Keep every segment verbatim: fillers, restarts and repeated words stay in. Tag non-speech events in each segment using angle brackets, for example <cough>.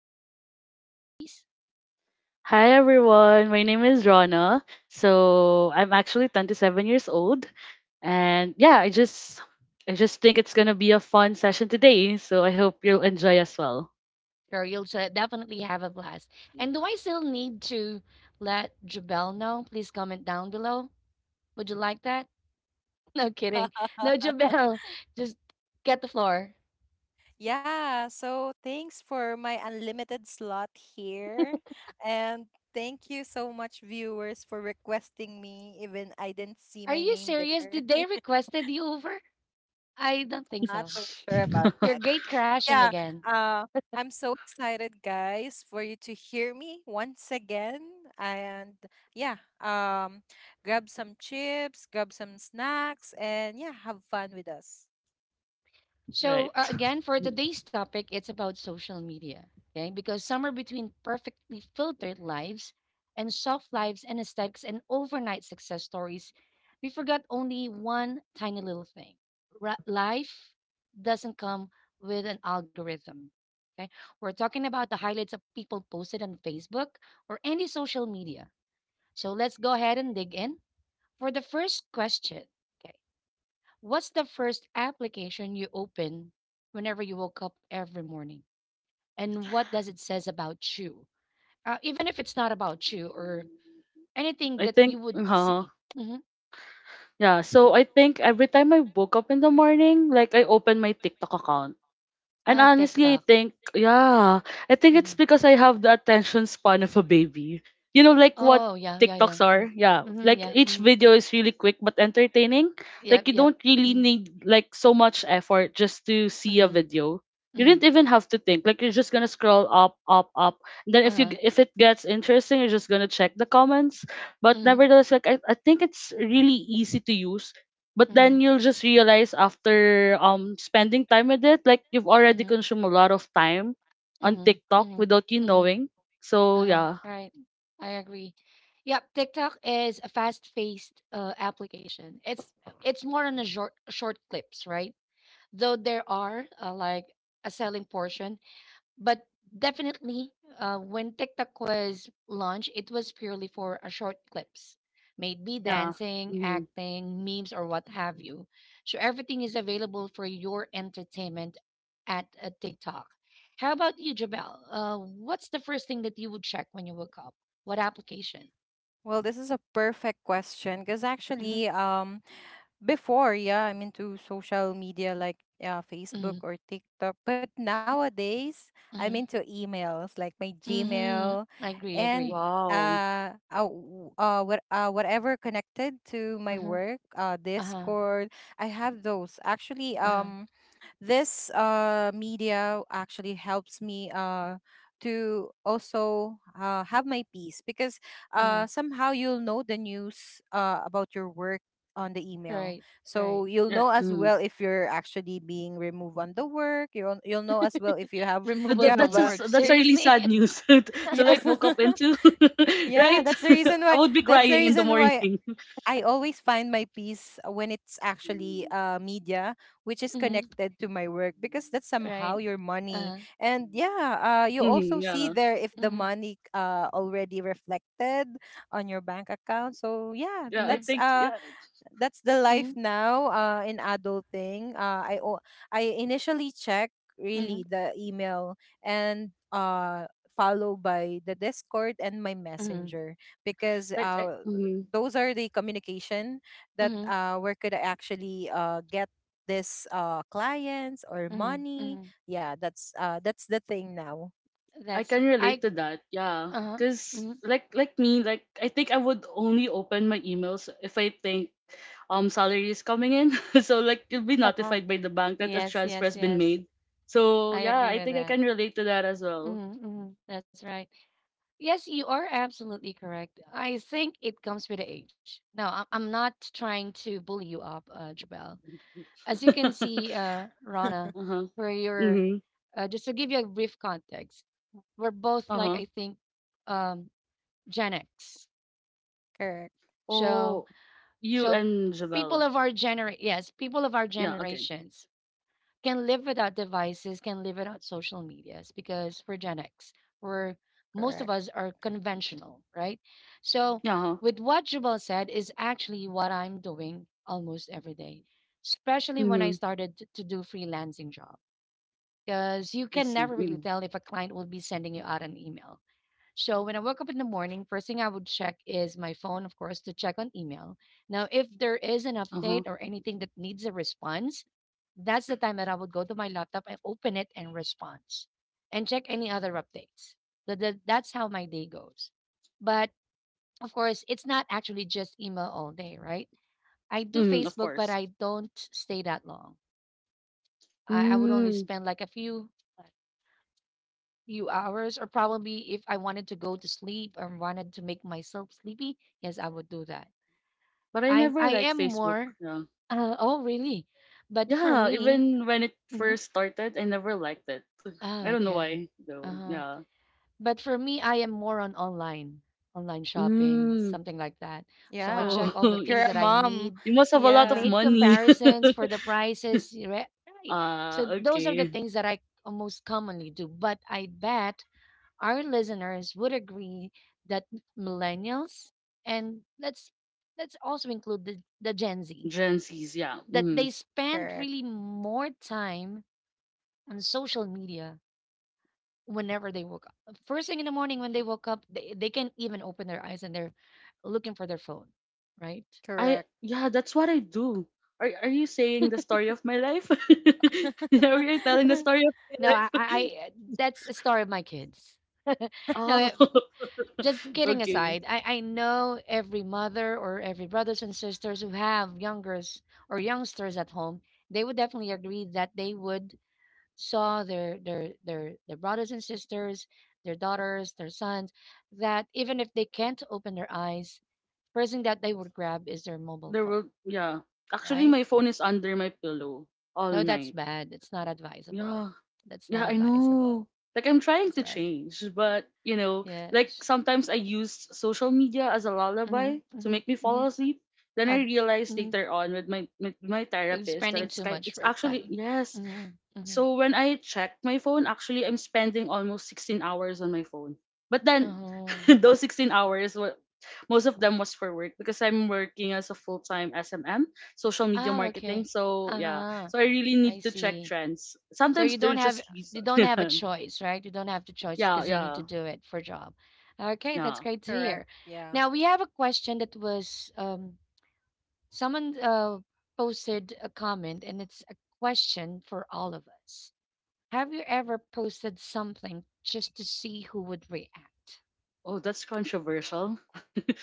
you please take the floor, please? Hi everyone, my name is Rana. So I'm actually twenty-seven years old, and yeah, I just I just think it's gonna be a fun session today. So I hope you'll enjoy as well. Girl, you'll se- definitely have a blast. And do I still need to let Jabel know? Please comment down below. Would you like that? <laughs> No kidding. <laughs> No, Jabel, just get the floor. Yeah, so thanks for my unlimited slot here. And thank you so much, viewers, for requesting me, even I didn't see Are my you name serious? there. Did they <laughs> requested you over? I don't think I'm so. not so sure about Your <laughs> that. gate But crashing yeah, again. uh, I'm so excited, guys, for you to hear me once again. And yeah, um, grab some chips, grab some snacks, and yeah, have fun with us. So, uh, Right. again, for today's topic, it's about social media. Okay. Because somewhere between perfectly filtered lives and soft lives and aesthetics and overnight success stories, we forgot only one tiny little thing. Ra- life doesn't come with an algorithm. Okay. We're talking about the highlights of people posted on Facebook or any social media. So, let's go ahead and dig in for the first question. Okay, what's the first application you open whenever you woke up every morning? And what does it says about you? Uh, even if it's not about you or anything I that think, you would uh, see. Mm-hmm. yeah. So I think every time I woke up in the morning, like I open my TikTok account. And Oh, honestly, I TikTok. think, yeah, I think it's Mm-hmm. because I have the attention span of a baby. You know, like what Oh, yeah, yeah, yeah. TikToks are? Mm. Yeah. Mm-hmm, Like yeah. each Mm-hmm. video is really quick but entertaining. Like Yep, you yep. don't really Mm-hmm. need like so much effort just to see a Mm-hmm. video. You Mm-hmm. didn't even have to think. Like you're just gonna scroll up, up, up. And then if you Uh-huh. if it gets interesting, you're just gonna check the comments. But Mm-hmm. nevertheless, like I, I think it's really easy to use, but then Mm-hmm. you'll just realize after um spending time with it, like you've already Mhm. consumed a lot of time on Mhm. TikTok Mhm. without you Mhm. knowing. So Uh-huh. yeah. Right. I agree. Yep, TikTok is a fast-paced uh, application. It's it's more on the short short clips, right? Though there are uh, like a selling portion but definitely, uh, when TikTok was launched, it was purely for a short clips, maybe Yeah. dancing, hmm acting, memes, or what have you. So everything is available for your entertainment at uh, TikTok. How about you, Jabel? Uh, what's the first thing that you would check when you woke up? What application? Well, this is a perfect question because Mm-hmm. actually, um, before, yeah, I'm into social media like uh, Mm-hmm. Facebook or TikTok. But nowadays, I'm Mm-hmm. into emails like my Mm-hmm. Gmail I agree. I agree. and wow. uh, uh, w- uh, what, uh whatever connected to my Mm-hmm. work, uh, Uh huh. Discord. I have those. Actually, Uh huh. um, this uh media actually helps me uh to also uh, have my peace because Mm-hmm. uh somehow you'll know the news uh about your work on the email, Right. so Right. you'll Yeah, know as mm. well if you're actually being removed on the work. You'll you'll know as well if you have Th- you Removal th- have That's from a, uh, s- work. that's a y- really Seriously. sad news <laughs> to, to yeah. like woke up <laughs> into. <laughs> Yeah, Right. that's the reason <laughs> I why would be that's the crying in the <laughs> reason why morning. I always find my peace when it's actually <laughs> uh, media, which is Mm-hmm. connected to my work, because that's somehow Right. your money. Uh-huh. And yeah, uh, you also Mm-hmm, see yeah. there if the Mhm. money uh, already reflected on your bank account. So yeah, yeah I Mhm. that's think uh, yeah that's the life Mhm. now uh in adulting. uh i o- I initially check Mhm. really the email and uh followed by the Discord and my Mhm. Messenger, because like I, uh mm-hmm. those are the communication that Mhm. uh where could I actually uh get this uh clients or Mhm. money. Mhm. Yeah, that's uh that's the thing now. I That's can relate I to that. Yeah, uh-huh. cause Mhm. like like me, like I think I would only open my emails if I think um salary is coming in. <laughs> So like you'll be notified <laughs> by the bank that a Yes, transfer has yes, been made. yes. So I yeah, I agree think with I can that. relate to that as well. Mhm. Mhm. That's right. Yes, you are absolutely correct. I think it comes with the age. No, I- I'm not trying to bully you up, uh, Jabel. As you can see, <laughs> uh, Rana, Uh huh. for your Mhm. uh, just to give you a brief context, we're both Uh like huh. I think um Gen X. Correct, So, Oh, you so and people Javel. of our gener yes, people of our Yeah. Okay. generations can live without devices, can live without social medias because we're Gen X. We're most of correct. us are conventional, right? So, Yeah. Uh-huh. with what Jubal said is actually what I'm doing almost every day, especially when I Mhm. started t- to do freelancing job. Because you I can see. never really Mm. tell if a client will be sending you out an email, so when I woke up in the morning, first thing I would check is my phone, of course, to check on email. Now, if there is an Uh huh. update or anything that needs a response, that's the time that I would go to my laptop and open it and respond and check any other updates. That, that, that's how my day goes. But of course, it's not actually just email all day, right? I do Mm. Of Facebook, but course. I don't stay that long. I, I would only Mm. spend like a few few hours, or probably if I wanted to go to sleep or wanted to make myself sleepy, yes, I would do that. But I I'm never I like am Facebook. more. Yeah. Uh, oh, really? But for Yeah, me, even when it mhm. first started, I never liked it. <sighs> <laughs> I Oh, don't know okay. why, Uh though. huh. Yeah. But for me, I am more on online, online shopping, Mm. something like that. So I Yeah. Oh, check all the If <laughs> you're things a that I mom, need, you must have a lot of yeah, made money. comparisons for the <laughs> prices, right? Right. So Ah, those are the okay. things that I most commonly do. But I bet our listeners would agree that m- millennials and let's let's also include the, the Gen Z Gen Zs, yeah. that Mm. they spend correct, really more time on social media whenever they woke up. First thing in the morning when they woke up, they, they can't even open their eyes and they're looking for their phone, right? correct. I Yeah, that's what I do. Are are you saying the story of my life? <laughs> Are you telling the <laughs> story of No, my I, I life? I- <laughs> that's a story of my kids. <laughs> No, Oh, eh, just <laughs> kidding okay. aside, I, I know every mother or every brothers and sisters who have youngers or youngsters at home, they would definitely agree that they would saw their their their their brothers and sisters, their daughters, their sons, that even if they can't open their eyes, first thing that they would grab is their mobile There phone, will yeah. Actually, right? my phone is under my pillow all No, that's night. bad. It's not advisable. Yeah. That's not Yeah, I advisable. know. Like I'm trying That's to right. change, but you know, like Yes. sometimes I use social media as a Mm-hmm, lullaby to mm-hmm, make me mm-hmm. fall asleep. Then uh, I realized mm-hmm. later on with my with my You're therapist that spending it's too kind much it's right actually time. yes, Mhm, mhm. so when I check my phone, actually I'm spending almost sixteen hours on my phone. But then Oh. <laughs> those sixteen hours were most of them was for work because I'm working as a full-time S M M, social media Ah, marketing. okay. So yeah, Uh-huh. so I really I need to check see. trends. So Sometimes you don't they're have just you reason. don't have a <laughs> choice, right? You don't have the choice Yeah, because you need to yeah, do it for job. Okay, that's yeah. great to Correct. hear. Yeah. Now we have a question that was um someone uh posted a comment and it's a question for all of us. Have you ever posted something just to see who would react? Oh, that's controversial.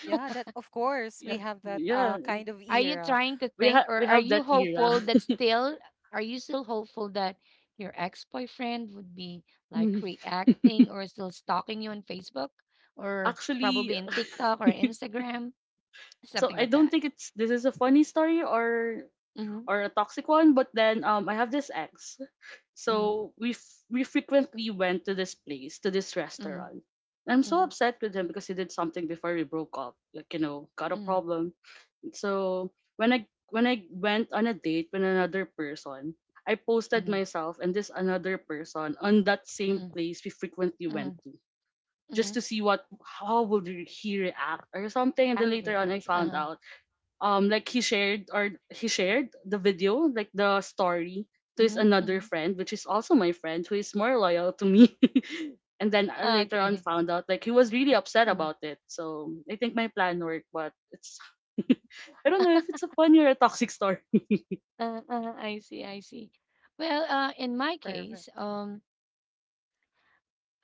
Yeah, that of course Yeah, we have that yeah. uh kind of Are you era. trying to We think have or we are have you that era. hopeful that still are you still hopeful that your ex-boyfriend would be like reacting <laughs> or still stalking you on Facebook or Actually, probably <laughs> in TikTok or Instagram, so something I like don't that? think it's this is a funny story or Mhm. or a toxic one. But then um, I have this ex, Mhm. so we f- we frequently went to this place, to this Mhm. restaurant. And I'm so Mhm. upset with him because he did something before we broke up. Like you know, got a Mhm. problem. So when I when I went on a date with another person, I posted Mhm. myself and this another person on that same Mhm. place we frequently went Mhm. to, just to Mhm. see what how would he react or something. And Act- then later React. on I Uh-huh. found out, um like he shared or he shared the video, like the story, to his Mhm. another Mhm. friend, which is also my friend who is more loyal to Mhm. me. <laughs> And then I later on Okay. found out like he was really upset Mhm. about it. So I think my plan worked, but it's <laughs> I don't know if it's a funny or a toxic story. Uh, uh, I see. I see. Well, uh, in my Perfect. case, um,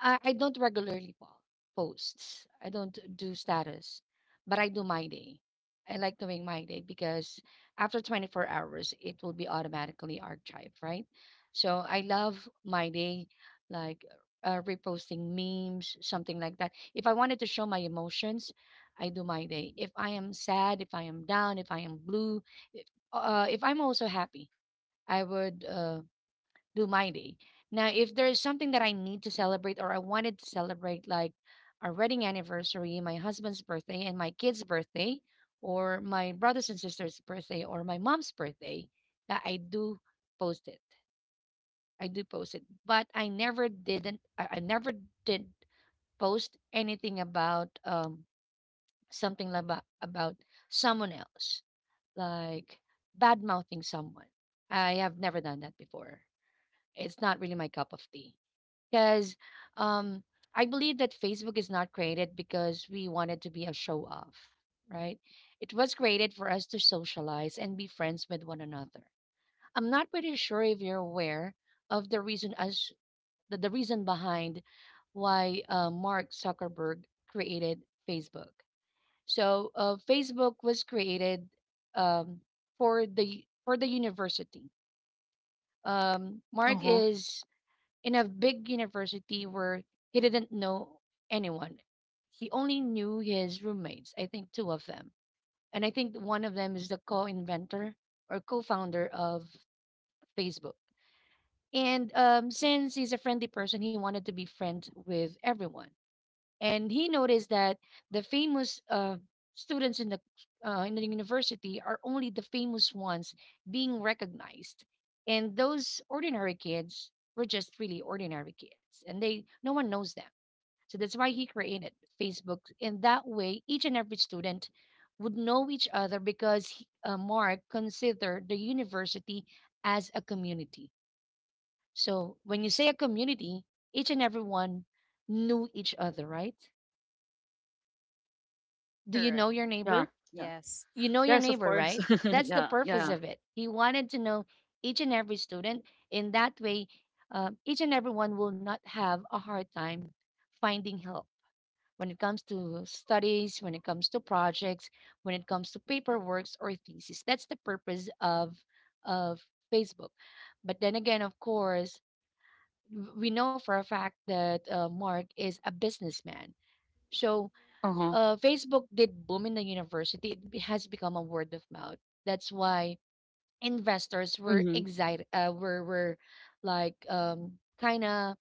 I, I don't regularly po- posts. I don't do status, but I do my day. I like doing my day because after twenty-four hours, it will be automatically archived, right? So I love my day, like uh, reposting memes, something like that. If I wanted to show my emotions, I do my day. If I am sad, if I am down, if I am blue, if, uh, if I'm also happy, I would. Uh, do my day. Now, if there is something that I need to celebrate or I wanted to celebrate, like our wedding anniversary, my husband's birthday, and my kid's birthday, or my brothers and sisters' birthday, or my mom's birthday, uh, I do post it. I do post it, but I never didn't. I, I never did post anything about um something about about someone else, like bad mouthing someone. I have never done that before. It's not really my cup of tea because um, I believe that Facebook is not created because we wanted to be a show off, right? It was created for us to socialize and be friends with one another. I'm not pretty sure if you're aware of the reason as the, the reason behind why uh, Mark Zuckerberg created Facebook. So uh, Facebook was created um, for the for the university. Um, Mark Uh-huh. is in a big university where he didn't know anyone. He only knew his roommates, I think two of them. And I think one of them is the co inventor or co founder of Facebook. And um, since he's a friendly person, he wanted to be friends with everyone and he noticed that the famous uh, students in the uh, in the university are only the famous ones being recognized and those ordinary kids were just really ordinary kids and they no one knows them, so that's why he created Facebook in that way each and every student would know each other because he- uh, Mark considered the university as a community. So when you say a community, each and everyone knew each other, right? Do Correct. you know your Yeah. neighbor? Yeah. Yes. You know your Yes of neighbor, course. right? <laughs> That's the Yeah, purpose yeah. of it. He wanted to know each and every student. In that way, uh, each and everyone will not have a hard time finding help when it comes to studies, when it comes to projects, when it comes to paperworks or thesis. That's the purpose of of Facebook. But then again, of course, w- we know for a fact that uh, Mark is a businessman. So Uh-huh. uh, Facebook did boom in the university. It be- has become a word of mouth. That's why investors were Mm-hmm. excited. Uh, were were like um kind of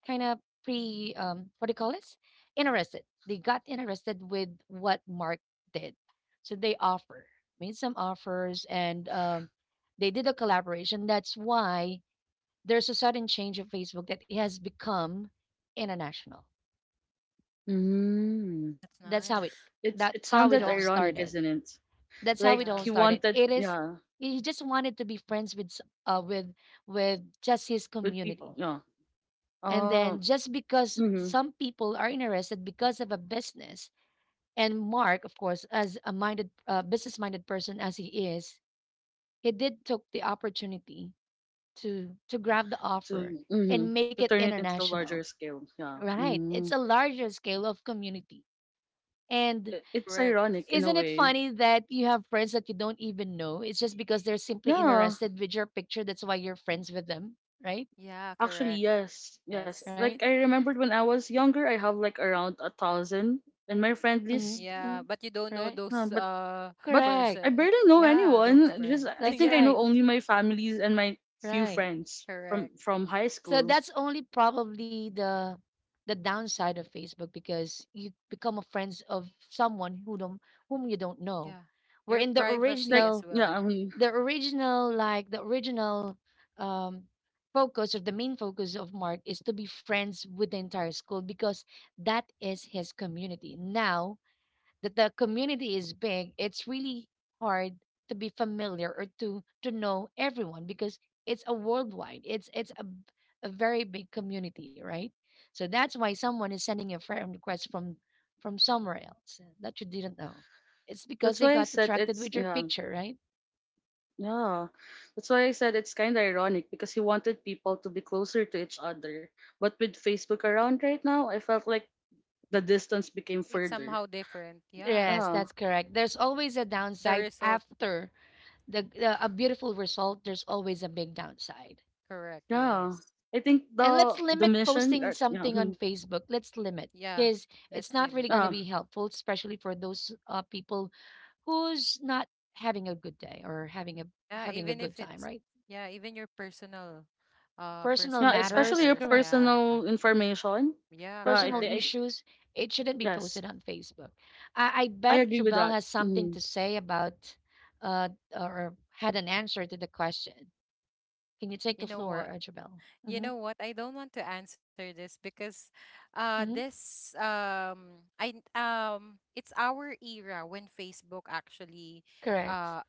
kind of pre um what do you call this? Interested. They got interested with what Mark did, so they offer made some offers and um they did a collaboration. That's why there's a sudden change of Facebook that it has become international. Mm. That's That's how nice. it. It's That's it how it Yeah. sounded all ironic, started. isn't it? That's how Yeah. it Like all he started. wanted, It is yeah, he just wanted to be friends with s- uh with with just his with people, community. yeah. And Oh. then just because Mhm. some people are interested because of a business. And Mark, of course, as a minded uh, business-minded person as he is, he did took the opportunity to to grab the offer To hmm. and make it To turn it into international. larger scale. Yeah. Right. It's a Mm. larger scale of community. And I- It's Correct. ironic in a isn't it way. funny that you have friends that you don't even know? It's just because they're simply Yeah. interested with your picture. That's why you're friends with them, right? Yeah, Actually, correct. yes, yes. Yes. Right? Like I remembered when I was younger, I have like around a thousand in my friend Mm-hmm. list. Yeah, Mm-hmm. but you don't know Right? Uh, those but uh but Correct. person. I uh, barely know Yeah, those anyone. Just friends. <laughs> I That's think I Yeah, know right. only my families and my few Right. friends from correct. from high So school. that's only probably the the downside of Facebook because you become a friends of someone who don't whom you don't know. Yeah. Where Your in the privacy Like as original yeah, well. I the original like the original um focus, or the main focus of Mark, is to be friends with the entire school, because that is his community. Now that the community is big, it's really hard to be familiar or to to know everyone, because it's a worldwide, it's it's a, b- a very big community, right? So that's why someone is sending a friend request from from somewhere else that you didn't know. It's because That's they why I got said attracted it's with your yeah. picture, right? Yeah, that's why I said it's kind of ironic because he wanted people to be closer to each other. But with Facebook around right now, I felt like the distance became It's somehow further. different. Yeah. Yes, Yeah, that's correct. There's always a The downside result, after the, the a beautiful result. There's always a big downside. correct. yeah. Yes. I think And let's the the limit mission, posting uh, yeah, something on hmm, Facebook. Let's limit, Yeah. because Let's it's not limit. really going to yeah, be helpful, especially for those uh, people who's not having a good day or having a Yeah, having a even good if time, it's right? yeah, even your personal uh Personal yeah, personal matters, especially your matters. correct. Yeah. personal information. Yeah, Yeah, I, correct. Personal thi- I issues, it shouldn't be Yes, posted on Facebook. I, I I bet agree with Jabel that. has something Mm, to say about, uh, or had an answer to the question. Can you take the You know floor, what? uh, Jabel? You Mm-hmm. know what? I don't want to answer this because uh Mm-hmm. this um I n- um it's our era when Facebook actually Correct. uh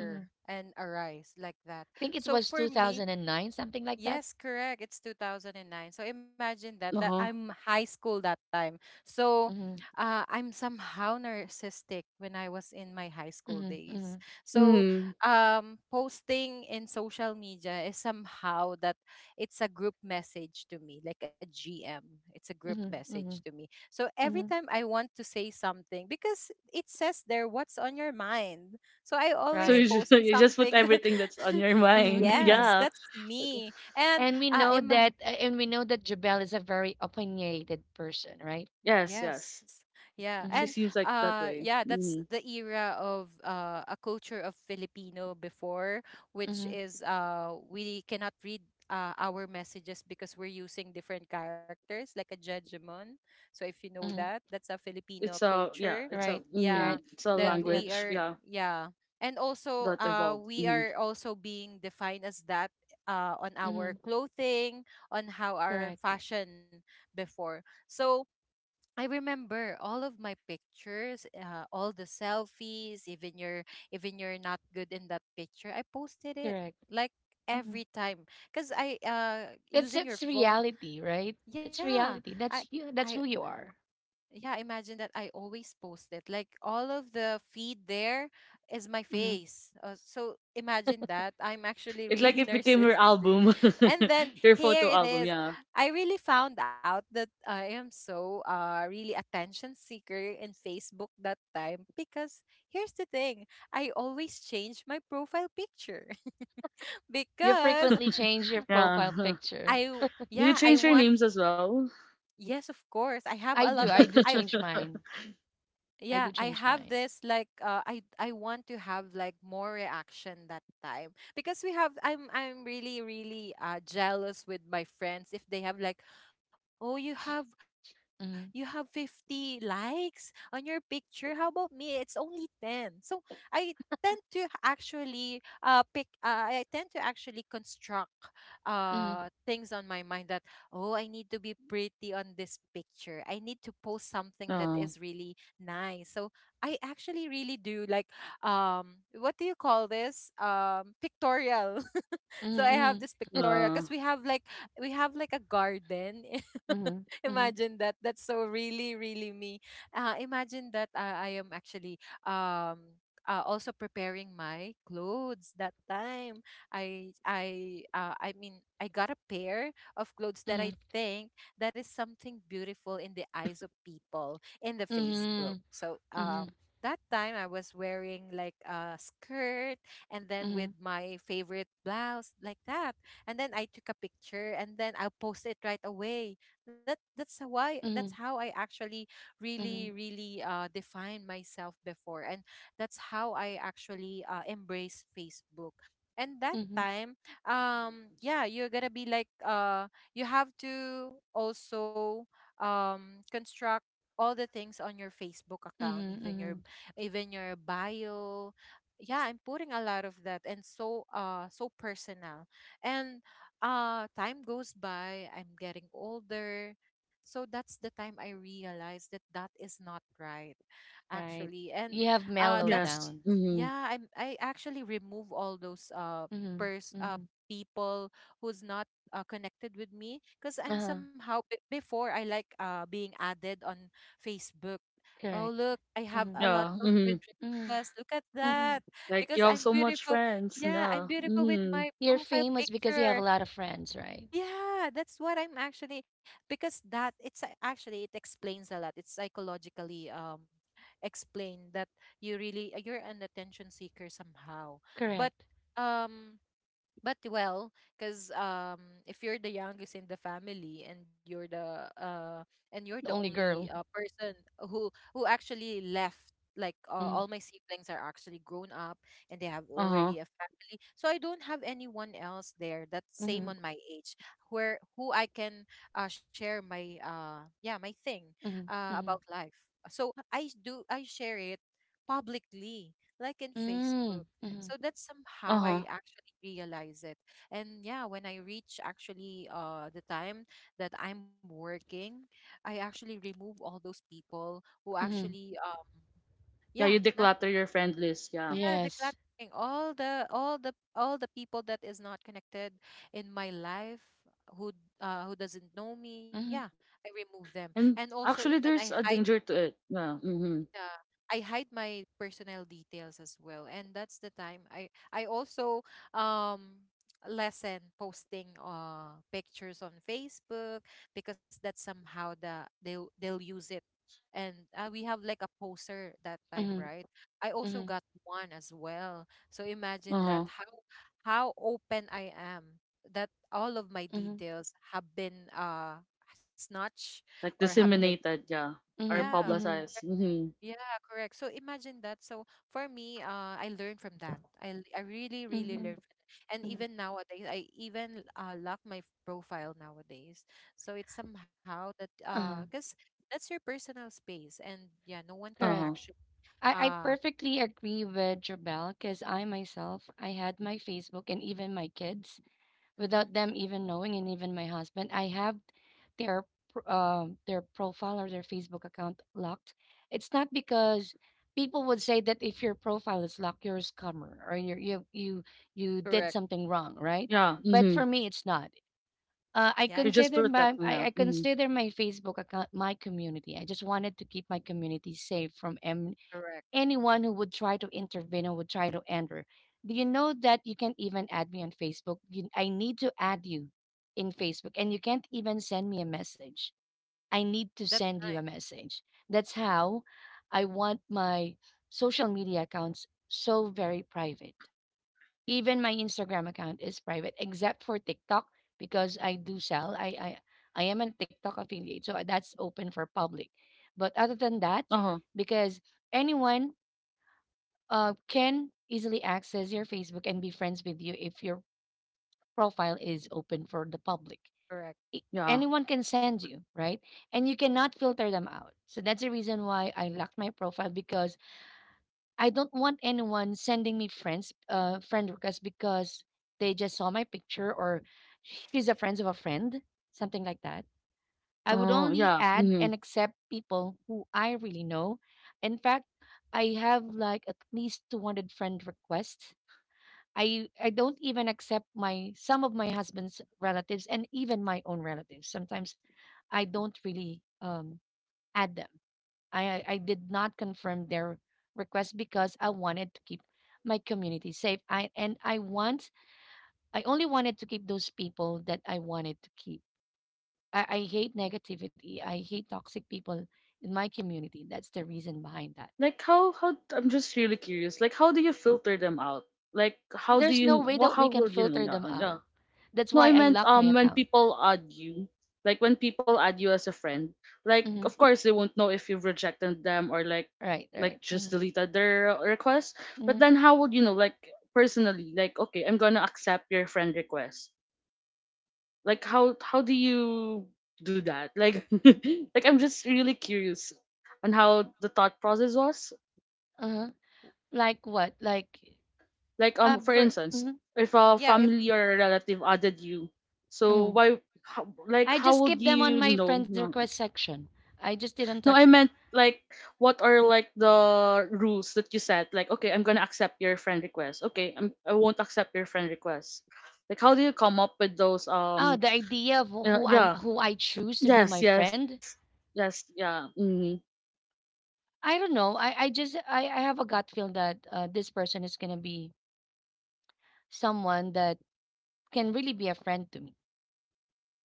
Mm-hmm. and arise like that. I think it So was for me, twenty oh nine, something like that. yes, correct. It's two thousand nine. So imagine that that uh huh. I'm high school that time. So Mm-hmm. uh, I'm somehow narcissistic when I was in my high school Mm-hmm. days. Mm-hmm. So Mm. um, posting in social media is somehow that it's a group message to me, like a G M. It's a group Mm-hmm. message to Mm-hmm. me. So every Mm-hmm. time I want to say something, because it says there what's on your mind. So I So always Right. you just, <laughs> post on you just put something that everything that's on your <laughs> mind. Mm-hmm. <laughs> Mm-hmm. yes, Yeah. that's me. And And we uh, know Im- that, uh, and we know that Jabel is a very opinionated person, right? Yes, yes. yes. Yeah. She Mm-hmm. And seems like that uh way. yeah, that's Mm-hmm. the era of uh a culture of Filipino before, which Mm-hmm. is uh we cannot read uh, our messages because we're using different characters like a judgment. So if you know Mm-hmm. that, that's a Filipino It's a yeah, culture. it's a Right. mm, Yeah, Right. it's a that Yeah. Yeah. we language, are yeah, yeah. And also that uh evolved. we Mm. are also being defined as that uh on Mm-hmm. our clothing, on how our Correct. fashion before. So I remember all of my pictures, uh, all the selfies, even your even you're not good in that picture. I posted it Correct. like Mm-hmm. every time because I uh That's using that's your phone. reality, right? That's Yeah, reality. I That's you. I That's who you are. yeah, imagine that I always post it like all of the feed there is my Mm-hmm. face, uh, so imagine that I'm actually It like really <laughs> it became your narcissistic. album, And then <laughs> your here photo it album. is, Yeah, I really found out that I am so uh really attention seeker in Facebook that time, because here's the thing: I always change my profile picture. <laughs> You Because frequently change your yeah. profile <laughs> picture. I w- Do you yeah, I change your want, names as well? yes, of course. I have a I lot do, of I do I change <laughs> mine. I Yeah, do I change have mine. this like uh, i i want to have like more reaction that time, because we have I'm I'm really really uh jealous with my friends if they have like, oh, you have you have fifty Mhm, likes on your picture, how about me, it's only ten. So I tend to actually uh pick uh, I tend to actually construct uh mhm, things on my mind that, oh, I need to be pretty on this picture, I need to post something that is No. really nice. So I actually really do like <sighs> um what do you call this? Um pictorial. <laughs> So I have mhm, this pictorial Uh, because we have like we have like a garden. mhm, <laughs> mhm, Imagine that. That's so really, really me. Uh imagine that uh, I am actually um uh, also preparing my clothes that time. I i uh, i mean, I got a pair of clothes that I mhm, think that is something beautiful in the eyes of people in the mhm, Facebook. So mhm, um that time I was wearing like a skirt and then mhm, with my favorite blouse, like that. And then I took a picture and then I'll post it right away. That that's why that's mhm, how I actually really, mhm, really uh defined myself before. And that's how I actually uh embrace Facebook. And that mhm, time, um, yeah, you're gonna be like uh you have to also um construct all the things on your Facebook account, mhm, even your mhm. even your bio. Yeah, I'm putting a lot of that and so uh so personal. And uh time goes by, I'm getting older. So that's the time I realized that that is not right Right. actually. And You have uh mellow that's yes. downs. Mm-hmm. yeah, I'm I actually remove all those uh Mm-hmm. pers uh Mm-hmm. people who's not uh, connected with me, because I'm Uh-huh. somehow b- before I like uh being added on Facebook. Oh, Correct. look, I have Mm-hmm. a lot Yeah. of friend Mm-hmm. Mm-hmm. requests. Look at Mm-hmm. that. Like you Because have I'm so much beautiful. friends. Yeah, I'm Yeah. beautiful with Mm-hmm. my You're profile famous because you have a picture. lot of friends, right? Yeah, that's what I'm actually, because that it's a- actually it explains a lot. It's psychologically um explained that you really you're an attention seeker somehow. But Correct. um but well, because um if you're the youngest in the family and you're the uh and you're the The only only girl. uh, person who who actually left, like uh, Mm-hmm. all my siblings are actually grown up and they have Uh-huh. already a family, so I don't have anyone else there that's same Mm-hmm. on my age where who I can uh, share my uh yeah my thing Mm-hmm. uh, about Mm-hmm. life. So I do, I share it publicly, like in Mm, Facebook. mm-hmm. So that's somehow Uh-huh. I actually realize it. And yeah, when I reach actually uh the time that I'm working, I actually remove all those people who Mm-hmm. actually um Yeah, you yeah, not declutter your friend list. Yeah. yeah, the Yes. cluttering, all the all the all the people that is not connected in my life who uh who doesn't know me. Yeah, Mm-hmm. I remove them. And And also even actually I there's a danger to it. Yeah. Mm-hmm. yeah, I hide my personal details as well. And that's the time i i also um lessen posting uh pictures on Facebook, because that's somehow the they'll they'll use it. And uh, we have like a poster that time, Mm-hmm. right? I also Mm-hmm. got one as well, so imagine that Uh-huh. how how open I am, that all of my Mm-hmm. details have been uh snatched Like or have been, Mm-hmm. disseminated, yeah, or Mhm, yeah. mhm, publicized. Mm-hmm. Yeah, correct. So imagine that. So for me, uh, I learned from that. I l- I really really mhm, learned from that. And mhm. even nowadays, I even uh, lock my f- profile nowadays. So it's somehow that uh, Uh-huh. cause that's your personal space, and yeah, no one can Uh huh. Correct. actually I, I uh, perfectly agree with Jabel because I myself, I had my Facebook, and even my kids hmm without them even knowing, and even my husband, I have their pr- um their profile or their Facebook account locked. It's not because people would say that if your profile is locked, you're a scammer or you you you you did correct. something wrong, right? Yeah. But Mm-hmm. for me, it's not. Uh, I Yeah, You're it's just consider my protecting. I, Yeah. I Mm-hmm. consider my Facebook account my community. I just wanted to keep my community safe from em- correct. anyone who would try to intervene or would try to enter. Do you know that you can't even add me on Facebook? You, I need to add you in Facebook, and you can't even send me a message. I need to That's send nice. you a message. That's how I want my social media accounts so very private. Even my Instagram account is private, except for TikTok because I do sell. I I I am a TikTok affiliate, so uh, that's open for public. But other than Uh that, huh. because anyone uh, can easily access your Facebook and be friends with you if your profile is open for the public. Correct. I- Yeah. Anyone can send you, right? And you cannot filter them out. So that's the reason why I locked my profile, because I don't want anyone sending me friends, uh, friend requests because they just saw my picture, or she's a friend of a friend, something like that. I would Oh only yeah. add Mm-hmm. and accept people who I really know. In fact, I have like at least two hundred friend requests. I I don't even accept my some of my husband's relatives and even my own relatives. Sometimes I don't really um add them. I I did not confirm their request because I wanted to keep my community safe. I and I want I only wanted to keep those people that I wanted to keep. I, I hate negativity. I hate toxic people in my community. That's the reason behind that. Like how how I'm just really curious. Like how do you filter them out? Like how do There's no you? way wha- that we How can will you know? filter Yeah. them Yeah. out. That's No, why I I meant locked my um when account. people add you, like when people add you as a friend, like Hmm. of course they won't know if you've rejected them or like Right, right. like just Mm-hmm. deleted their request. But Mm-hmm. then how would you know like personally like, okay, I'm going to accept your friend request. Like how how do you do that? Like <laughs> like I'm just really curious on how the thought process was. Uh-huh. Like what? Like Like um um. for For instance, Mm-hmm. if a yeah, if family or a relative added you, so Mm-hmm. why how, like I how just would keep them you on my know? friends No, request section. I just didn't No, touch I them. meant like what are like the rules that you set? Like, okay, I'm gonna accept your friend request. Okay, I'm I won't accept your friend request. Like, how do you come up with those? Oh, Um, the idea of wh- yeah, who I'm yeah, who I choose to be yes, my yes, friend. yes, yeah. Mm-hmm. I don't know. I, I just I, I have a gut feel that uh, this person is gonna be someone that can really be a friend to me.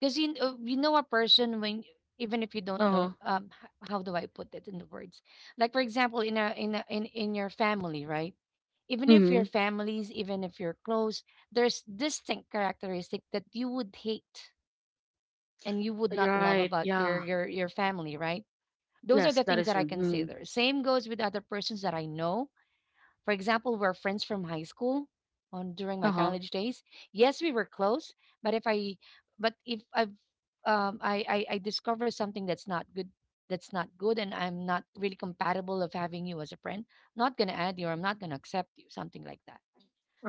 Because you kn- uh, you know a person when even if you Uh don't huh. know, um h- how do I put it in the words? Like for example in a in a, in in your family, right? Even if Mm-hmm. your families, even if you're close, there's distinct characteristic that you would hate and you would You're not love right. about Yeah. your your your family, right? Those are Yes, the that things is that I true. Mm-hmm. consider. Same goes with other persons that I know. For example, we're friends from high school on during my Uh huh. college days. Yes, we were close, but if I but if I've um I, I, I discover something that's not good, that's not good and I'm not really compatible of having you as a friend, I'm not gonna add you, or I'm not gonna accept you, something like that.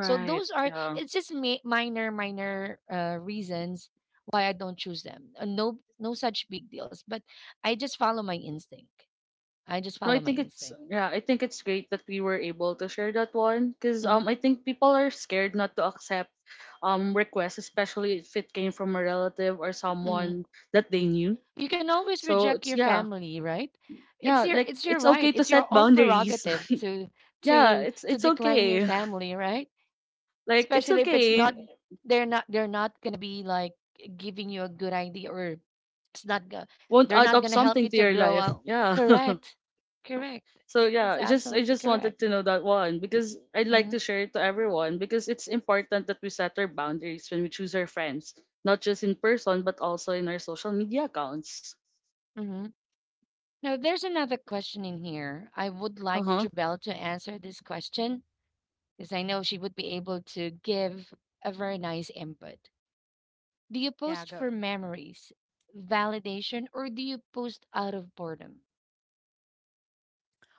So those are, Yeah. it's just ma- minor minor uh, reasons why I don't choose them. Uh, no no such big deals, but I just follow my instinct. I just No, follow I my think it's instinct. yeah, I think it's great that we were able to share that one because Hmm. um I think people are scared not to accept um requests, especially if it came from a relative or Hmm. someone that they knew. You can always So it's reject your yeah. family, right? Yeah, It's like your it's it's your okay right. to It's set your own boundaries. prerogative <laughs> to Yeah, to it's to it's decline your okay. <laughs> family, right? Like it's Especially if it's not, okay. they're not, they're not gonna be like giving you a good idea, or it's not go- Won't they're add not up gonna help something you to to your grow life. up. Yeah. <laughs> Correct, correct. So yeah, It's I just I absolutely just wanted correct. to know that one because I'd like to Hmm. share it to everyone because it's important that we set our boundaries when we choose our friends, not just in person but also in our social media accounts. Hmm. Now there's another question in here. I would Uh like huh. Jubel to answer this question because I know she would be able to give a very nice input. Do you yeah, post go. for memories, validation, or do you post out of boredom?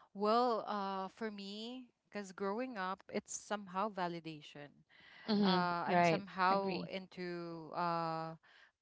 Well, uh, for me, because growing up, it's somehow validation. Hmm. uh, I'm Right. somehow Agree. into uh,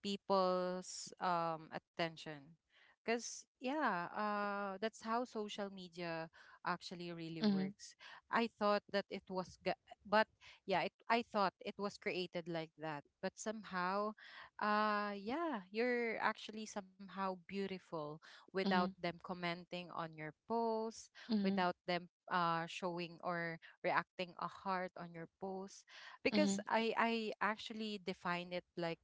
people's um, attention. Because, yeah, uh, that's how social media actually really Mm-hmm. works. I thought that it was, ga- but yeah, it, I thought it was created like that. But somehow, uh, yeah, you're actually somehow beautiful without Mm-hmm. them commenting on your posts, without Mhm, them uh, showing or reacting a heart on your post, because mhm, I I actually define it like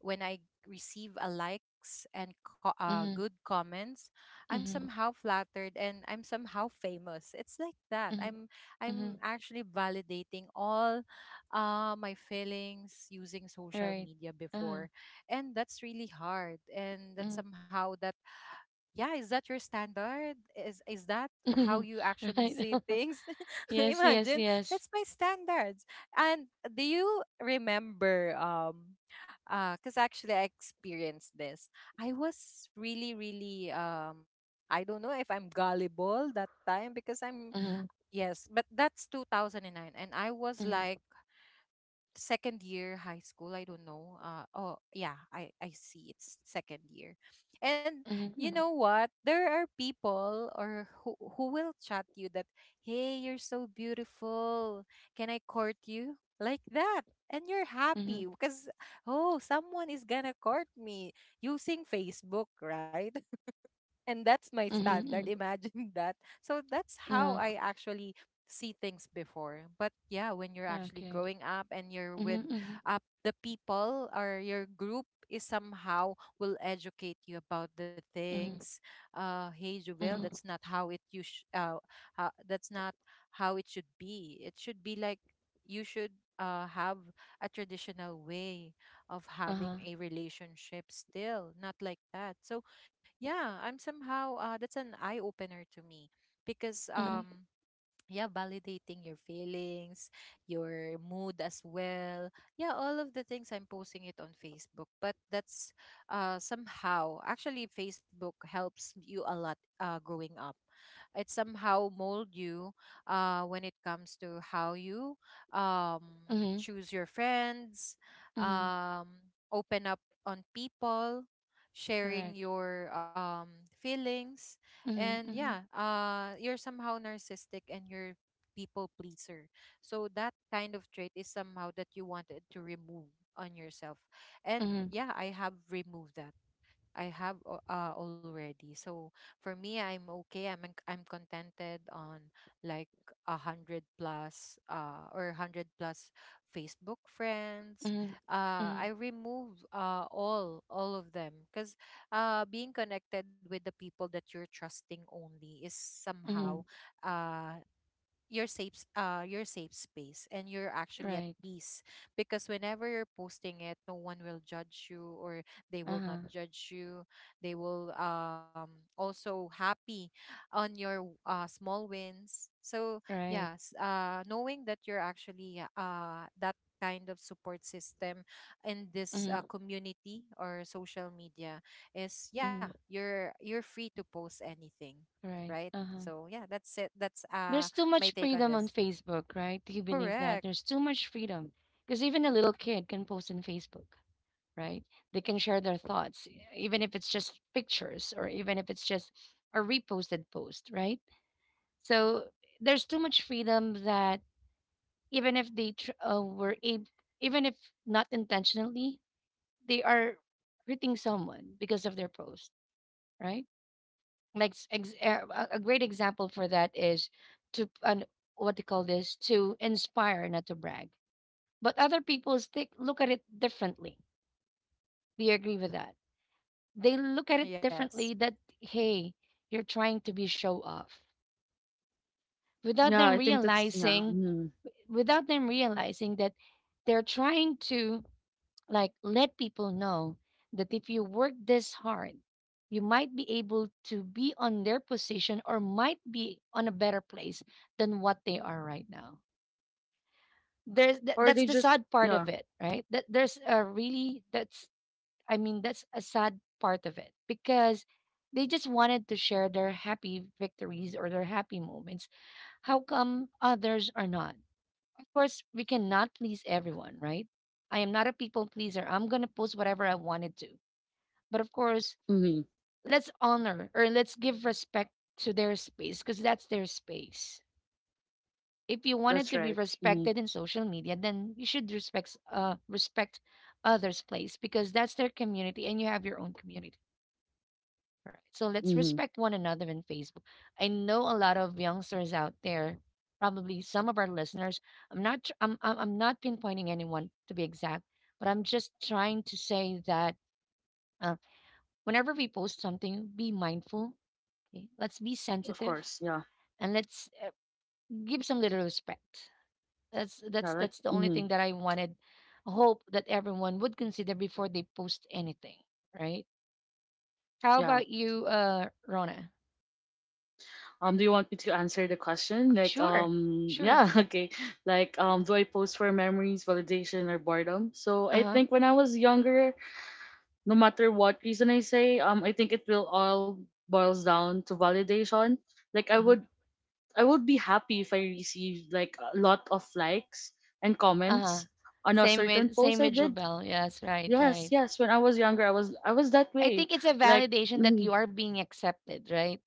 when I receive a likes and co- uh, mhm, good comments, I'm mhm, somehow flattered and I'm somehow famous. It's like that. mhm, I'm I'm mhm. actually validating all uh, my feelings using social Right. media Uh-huh. before, and that's really hard. And that Mhm. somehow that, yeah, is that your standard, is is that how Mhm. you <laughs> actually Right. see <laughs> things? <laughs> Yes, yes, Imagine, yes. that's my standards. And do you remember um uh because actually I experienced this, I was really really um I don't know if I'm gullible that time because I'm, Mhm, yes, but that's two thousand nine, and I was mhm, like second year high school, I don't know, uh oh yeah, i i see, it's second year. And mhm, you mhm, know what, there are people or who, who will chat you that, hey, you're so beautiful, can I court you, like that. And you're mhm, happy because, oh, someone is gonna court me using Facebook, right? And that's my mhm, standard. Imagine <laughs> that. So that's mhm. how I actually see things before. But yeah, when Uh, you're okay. actually growing up and you're Mhm, with mhm, uh, the people or your group is somehow will educate you about the mhm, things. Uh, hey Jovel, mhm. that's not how it you sh- uh, ho- that's not how it should be. It should be like you should uh, have a traditional way of Uh-huh. having a relationship still, not like that. So yeah, I'm somehow uh, that's an eye opener to me because Mhm, um yeah, validating your feelings, your mood as well. Yeah, all of the things I'm posting it on Facebook. But that's uh somehow actually Facebook helps you a lot uh growing up. It somehow mold you uh when it comes to how you um mhm, choose your friends, mhm. um open up on people, Correct. sharing your um feelings. Mhm, And mhm, yeah, uh you're somehow narcissistic and you're people pleaser, so that kind of trait is somehow that you wanted to remove on yourself. And mhm, yeah, I have removed that. I have al- uh, already. So for me, I'm okay. I'm en- I'm contented on like a hundred plus uh or hundred plus Facebook friends. mhm, Uh, mhm, I remove uh all all of them because uh being connected with the people that you're trusting only is mhm. somehow uh your safe s- uh your safe space, and you're actually Right. at peace because whenever you're posting it, no one will judge you, or they will Uh-huh. not judge you. They will um also happy on your w- uh small wins. So Right. yes, uh knowing that you're actually uh that kind of support system in this Mhm, uh, community or social media is, yeah, mhm. you're you're free to post anything, Right. right? Uh-huh. So yeah, that's it. that's There's uh too much my take on freedom on this. Facebook, right? Do you believe that? Correct. There's too much freedom because even a little kid can post on Facebook, right? They can share their thoughts, e, even if it's just pictures, or even if it's just a reposted post, right? So there's too much freedom that, even if they tr- uh, were able, even if not intentionally, they are hurting someone because of their post, right? Like s- ex- er, a a great example for that is to an what do you call this, to inspire, not to brag, but other people stick look at it differently. Do you agree with that? They look at it Yes. differently, that, hey, you're trying to be show off, without Yeah, them I think that's yeah. realizing, Mhm. without them realizing that they're trying to, like, let people know that if you work this hard, you might be able to be on their position, or might be on a better place than what they are right now. There's th- Or That's they the just sad part yeah. of it, right? That there's a really that's I mean, that's a sad part of it because they just wanted to share their happy victories or their happy moments. How come others are not? Of course, we cannot please everyone, right? I am not a people pleaser. I'm going to post whatever I wanted to. But of course, Mm-hmm. let's honor, or let's give respect to their space, because that's their space. If you That's wanted to be right. Mm-hmm. respected in social media, then you should respect uh respect others' place, because that's their community and you have your own community. Right. So let's Mm-hmm. respect one another in Facebook. I know a lot of youngsters out there, probably some of our listeners. I'm not tr- I'm I'm I'm not pinpointing anyone to be exact, but I'm just trying to say that, uh, whenever we post something, be mindful. Okay, let's be Of sensitive course. Yeah. and let's, uh, give some little respect. That's Yeah. that's Like that's the only mm-hmm. thing that I wanted. Hope that everyone would consider before they post anything, right? How Yeah. about you, uh, Rona? Um. Do you want me to answer the question? Like Sure, um. sure. Yeah. <laughs> Okay, like um do I post for memories, validation, or boredom? So Uh I huh. think when I was younger, no matter what reason I say, um, I think it will all boils down to validation. Like I Hmm. would, I would be happy if I received like a lot of likes and Uh huh. comments on a Same certain with post same I with did. Jobel. Yes, right, Yes, right. yes. When I was younger, I was, I was that I way. think it's a Like, validation that mm, you are being accepted, right?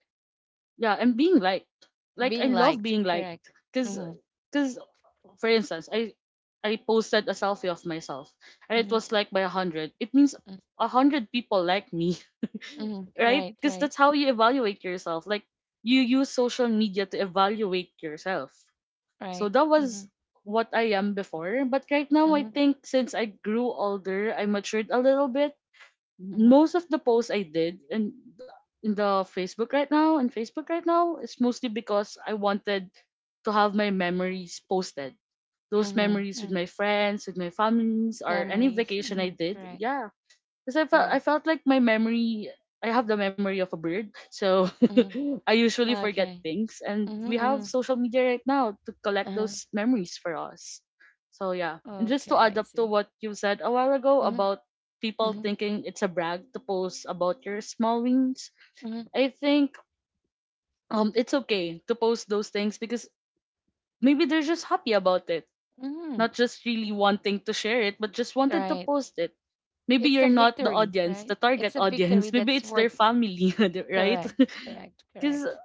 yeah, and being liked. Like I Being love liked, being liked, correct? cause, Mm-hmm. cause for instance, I I posted a selfie of myself and it Mm-hmm. was liked by a hundred. It means a hundred people like me, <laughs> Mm-hmm. right? Right, Because right, that's how you evaluate yourself. Like you use social media to evaluate yourself. right. So that Mm-hmm. was what I am before. But right now, I Mm-hmm. think since I grew older, I matured a little bit. Mm-hmm. Most of the posts I did in in the Facebook right now and Facebook right now is mostly because I wanted to have my memories posted, those Mm-hmm. memories with Mm-hmm. my friends, with my families, or any Families. vacation I Mm-hmm. did. Correct. Yeah, because I felt I Correct. felt like my memory. I have the memory of a bird, so Mm. <laughs> I usually forget Okay. things. And we Mm-hmm, mm-hmm. have social media right now to collect Uh-huh. those memories for us. So yeah, and just to Okay, add I up to see. what you said a while ago Mm-hmm, about people mm-hmm, thinking it's a brag to post about your small wins, mm-hmm. I think um it's okay to post those things because maybe they're just happy about it, Mm, not just really wanting to share it, but just wanted to right. post it. Maybe It's a you're not the victory, audience, the right? target It's a audience. <laughs> victory Maybe that's it's their worth family, <laughs> right? correct, correct, <laughs> Because correct.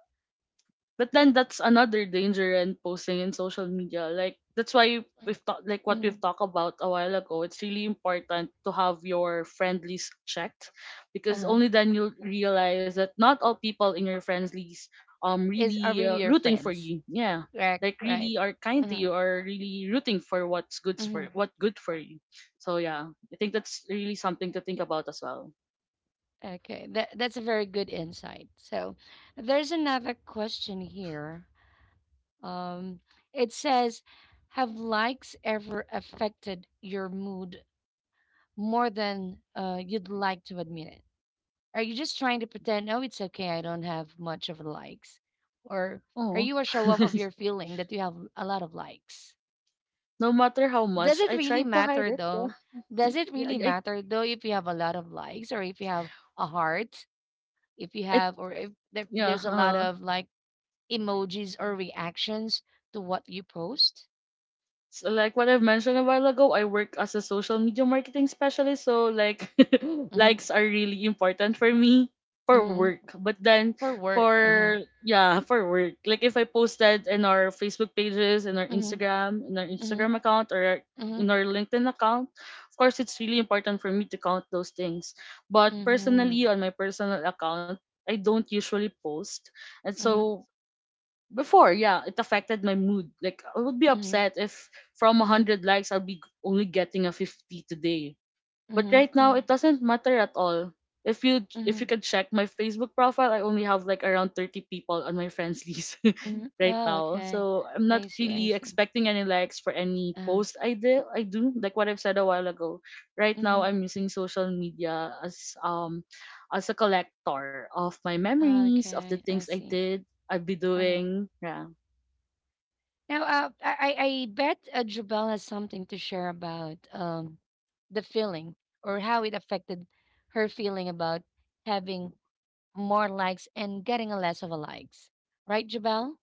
but then that's another danger in posting in social media. Like that's why Mm, we've talked, like what we've mhm, talked about a while ago. It's really important to have your friend list checked, because uh-huh. only then you'll realize that not all people in your friends list um Is are really uh, really your rooting for friends. you. Yeah. Correct, Like right. really are kind to Uh-huh. you or really rooting for what's good Hmm. for, what good for you. So yeah, I think that's really something to think about as well. Okay. That that's a very good insight. So there's another question here. Um, it says, "Have likes ever affected your mood more than uh, you'd like to admit it? Are you just trying to pretend? Oh, it's okay. I don't have much of likes, or are Oh, you a show off of your feeling that you have a lot of likes? <laughs> no matter how Does much it I really tried to hide matter it, though? Does it yeah, really yeah, I, matter though if you have a lot of likes or if you have a heart, if you I I have or if there, Yeah. there's a lot Uh, of like emojis or reactions to what you post?" so like what I've mentioned a while ago, I work as a social media marketing specialist. So like <laughs> Mm-hmm. likes are really important for me for Mm-hmm. work. But then For work. Uh-huh. for yeah, for work. Like if I posted in our Facebook pages, in our Mm-hmm. Instagram, in our Mm-hmm. Instagram account, or Mm-hmm. in our LinkedIn account, of course it's really important for me to count those things. But Mm-hmm. personally on my personal account, I don't usually post. And Mm-hmm. so before, yeah, it affected my mood. Like I would be Mm-hmm. upset if from Mm-hmm. one hundred likes I'll be only getting a fifty today, but Mm-hmm. right now Mm-hmm. it doesn't matter at all. If you if you Mm-hmm. can check my Facebook profile, I only have like around thirty people on my friends list <laughs> Mm-hmm. right Oh, now. okay. So I'm not I see. I really see. expecting any likes for any Uh-huh. post I did I do, like what I've said a while ago. Right now Mm-hmm. I'm using social media as um as a collector of my Oh, memories, of the okay. I things I see. did, I'd be Uh-huh. doing. Yeah. Now, uh, I, I I bet uh, Jubel has something to share about um, the feeling or how it affected her feeling about having more likes and getting a less of a likes. Right, Jubel?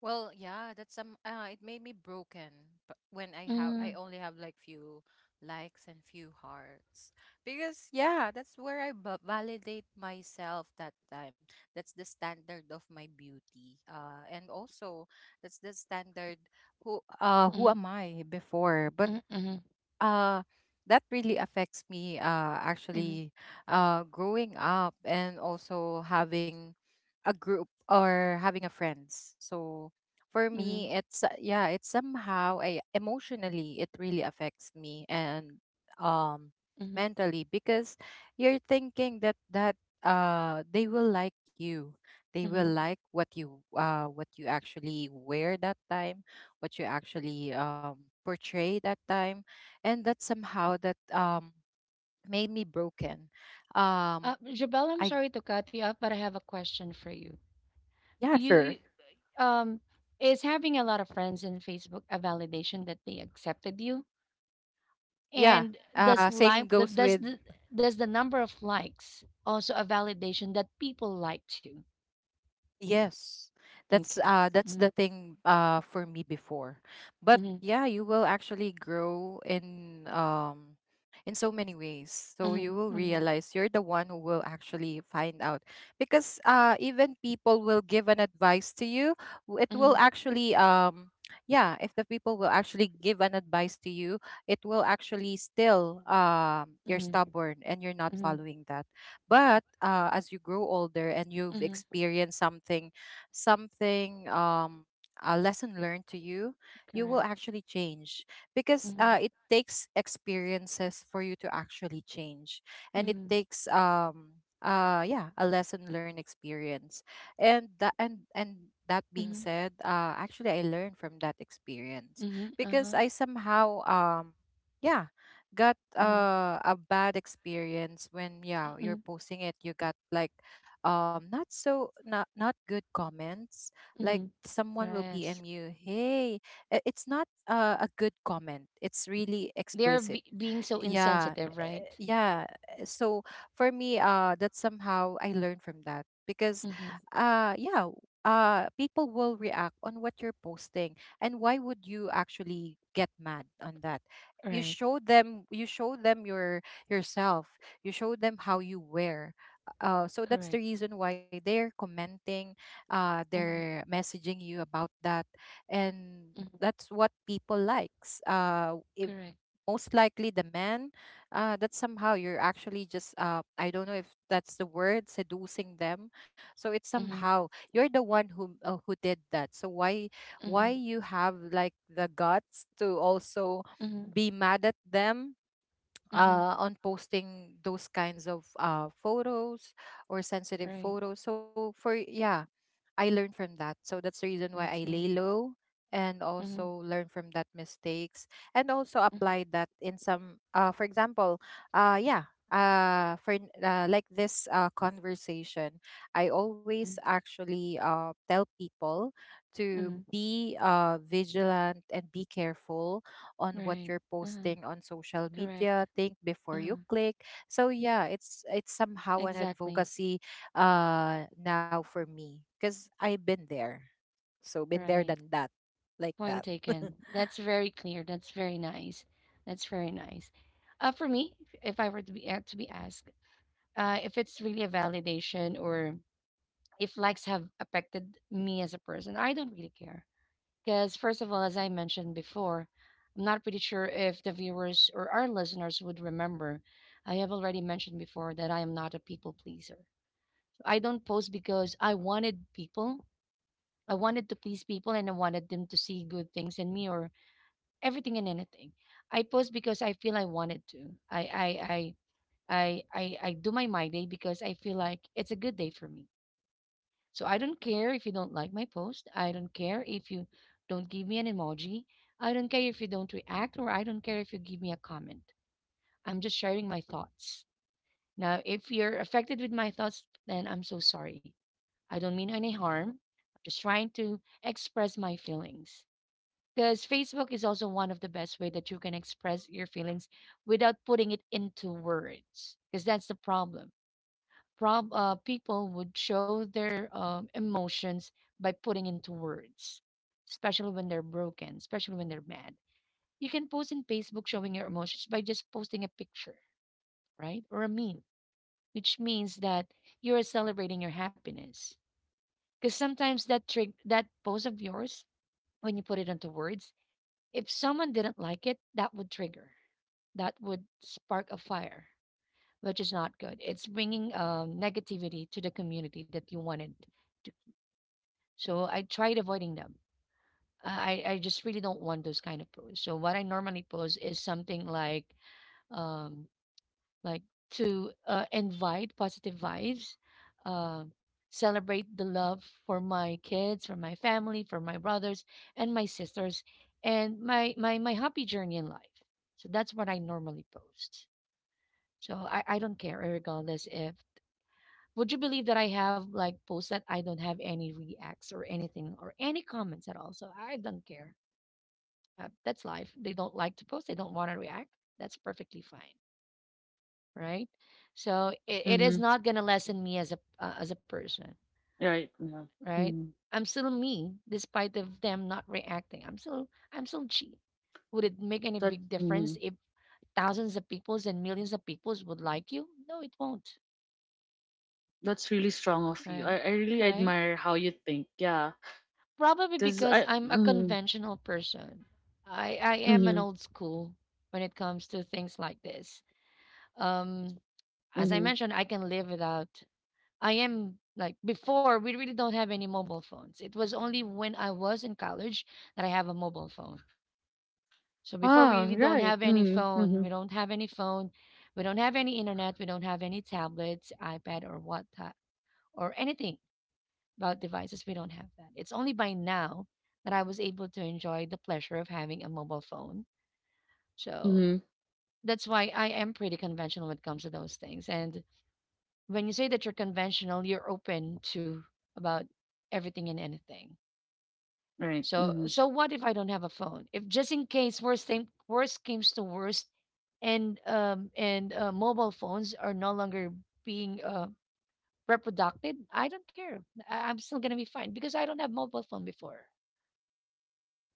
Well, yeah, that's some. Uh, it made me broken, but when I have, I Mm, only have like few likes and few hearts because yeah, that's where I b validate myself that time. That's the standard of my beauty. Uh, and also that's the standard who uh who mm, am I before. But mm, mm, uh that really affects me uh mm, actually uh growing up and also having a group or having a friends. So for mm, me it's, uh, yeah, it's somehow I, emotionally it really affects me and um mm, mentally because you're thinking that that uh they will like you, they will mm. like what you uh what you actually wear that time, what you actually um portray that time. And that somehow that um made me broken. um Uh, Jubel, I'm I, sorry to cut you off, but I have a question for you. yeah, You, sure, you um, is having a lot of friends in Facebook a validation that they accepted you? yeah. And does uh Same like th- goes does with the does the number of likes also a validation that people like you? yes. That's Okay. uh that's Mm-hmm. the thing, uh for me before. But Mm-hmm. yeah, you will actually grow in um in so many ways. So Mm-hmm. you will Mm-hmm. realize you're the one who will actually find out because uh even people will give an advice to you, w- it Mm-hmm. will actually um yeah, if the people will actually give an advice to you, it will actually still um you're Mm-hmm. stubborn and you're not Mm-hmm. following that. But uh, as you grow older and you've Mm-hmm. experienced something, something, um, a lesson learned to you, you will Correct. actually change because Mm-hmm. uh, it takes experiences for you to actually change, and it Mm-hmm. takes um uh yeah, a lesson learned experience, and that and and that being Mm-hmm. said, uh, actually I learned from that experience Mm-hmm. Uh-huh. because I somehow um yeah, got Mm-hmm. uh, a bad experience when, yeah, Mm-hmm. you're posting it, you got like um not so, not not good comments, Mm-hmm. like someone will Yes. PM you, hey, i- it's not uh, a good comment, it's really They're explicit. be- being so Yeah. insensitive, right? Eh, yeah. Eh, so for me, uh that somehow I learned from that because Mm-hmm. uh yeah, uh people will react on what you're posting. And why would you actually get mad on that? you Right. Show them you show them your yourself, you show them how you wear, uh, so Correct. that's the reason why they're commenting, uh, Mm-hmm. they're messaging you about that. And Mm-hmm. that's what people likes, uh, if, Correct. most likely the man, uh, that somehow you're actually just, uh, I don't know if that's the word, seducing them. So it's Mm-hmm. somehow you're the one who uh, who did that, so why Mm-hmm. why you have like the guts to also Mm-hmm. be mad at them, Mm-hmm. uh, on posting those kinds of, uh, photos or sensitive Right. photos. So for yeah, I learned from that. So that's the reason why That's I right. lay low and Mm-hmm. also learn from that mistakes, and also Mm-hmm. apply that in some, uh for example, uh yeah, uh for n- uh, like this uh conversation, I always actually uh tell people to Mm-hmm. be uh vigilant and be careful on what Right. you're Uh-huh. posting on social Correct. media, think before you Uh-huh. click. So yeah, it's it's somehow an Exactly. advocacy uh now for me because I've been there. So been there Right. than that. Like Point that. <laughs> taken. That's very clear. That's very nice. That's very nice. Uh, for me, if if I were to be uh, to be asked, uh, if it's really a validation or if likes have affected me as a person, I don't really care. Because first of all, as I mentioned before, I'm not pretty sure if the viewers or our listeners would remember. I have already mentioned before that I am not a people pleaser. So, I don't post because I wanted people I wanted to please people and I wanted them to see good things in me or everything and anything. I post because I feel I wanted to. I I I I I, I do my my day because I feel like it's a good day for me. So I don't care if you don't like my post. I don't care if you don't give me an emoji. I don't care if you don't react or I don't care if you give me a comment. I'm just sharing my thoughts. Now, if you're affected with my thoughts, then I'm so sorry. I don't mean any harm. I'm just trying to express my feelings. Because Facebook is also one of the best way that you can express your feelings without putting it into words. Because that's the problem. Prob uh, People would show their um, emotions by putting into words, especially when they're broken, especially when they're mad. You can post in Facebook showing your emotions by just posting a picture, right? Or a meme, which means that you are celebrating your happiness. Because sometimes that trick, that post of yours, when you put it into words, if someone didn't like it, that would trigger, that would spark a fire, which is not good. It's bringing um, negativity to the community that you wanted to. So I tried avoiding them. I, I just really don't want those kind of posts. So what I normally post is something like um, like to uh, invite positive vibes, uh, celebrate the love for my kids, for my family, for my brothers and my sisters, and my my my happy journey in life. So that's what I normally post. So I I don't care regardless if would you believe that I have like posts that I don't have any reacts or anything or any comments at all? So I don't care. Uh, that's life. They don't like to post. They don't want to react. That's perfectly fine, right? So it, it is Mm-hmm. not gonna lessen me as a uh, as a person, Right. Yeah. right? Mm-hmm. I'm still me, despite of them not reacting. I'm still I'm still chi. Would it make any That big difference mm-hmm, if thousands of peoples and millions of peoples would like you? No, it won't, that's really strong of right? you. I, I really Right? admire how you think. Yeah. Probably Because because I, I'm a mm, conventional person. I I am an mm-hmm, old school when it comes to things like this. Um, as I mm-hmm. mentioned, I can live without. I am like before we really don't have any mobile phones. It was only when I was in college that I have a mobile phone. So before we Ah, really don't right. have any Mm-hmm, phone, mm-hmm, we don't have any phone, we don't have any internet, we don't have any tablets, iPad or what ta- or anything about devices. We don't have that. It's only by now that I was able to enjoy the pleasure of having a mobile phone. So mm-hmm. that's why I am pretty conventional when it comes to those things. And when you say that you're conventional, you're open to about everything and anything. Right. So Mm-hmm. so what if I don't have a phone? If just in case worst thing worst comes to worst, and um and uh, mobile phones are no longer being uh reproducted, I don't care. I, I'm still gonna be fine because I don't have mobile phone before,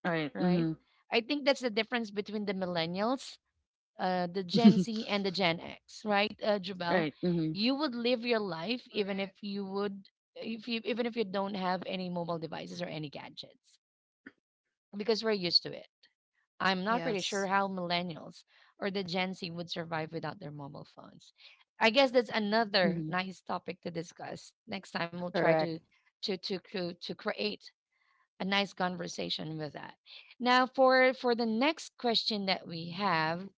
Right. right? Mm-hmm. I think that's the difference between the millennials uh, the Gen Z <laughs> and the Gen X, right, uh, Jubel? right. Mm-hmm. You would live your life even if Correct. you would, if you even if you don't have any mobile devices or any gadgets, because we're used to it. I'm not pretty Yes. sure how millennials or the Gen Z would survive without their mobile phones. I guess that's another Mm-hmm. nice topic to discuss. Next time we'll try Correct. to to to to, to create a nice conversation with that. Now for for the next question that we have,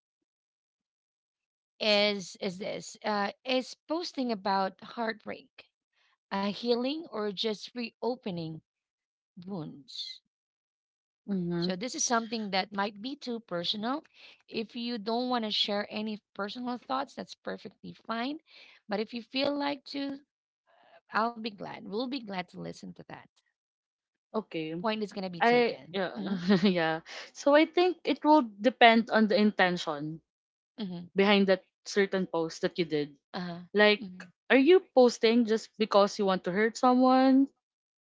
is is this uh, is posting about heartbreak, a healing, or just reopening wounds. Mm-hmm. So this is something that might be too personal. If you don't want to share any personal thoughts, that's perfectly fine. But if you feel like to, I'll be glad. We'll be glad to listen to that. Okay. Point is gonna be I taken. yeah Mm-hmm, <laughs> yeah. So I think it will depend on the intention mm-hmm, behind that certain post that you did. uh-huh, Like, mm-hmm, are you posting just because you want to hurt someone?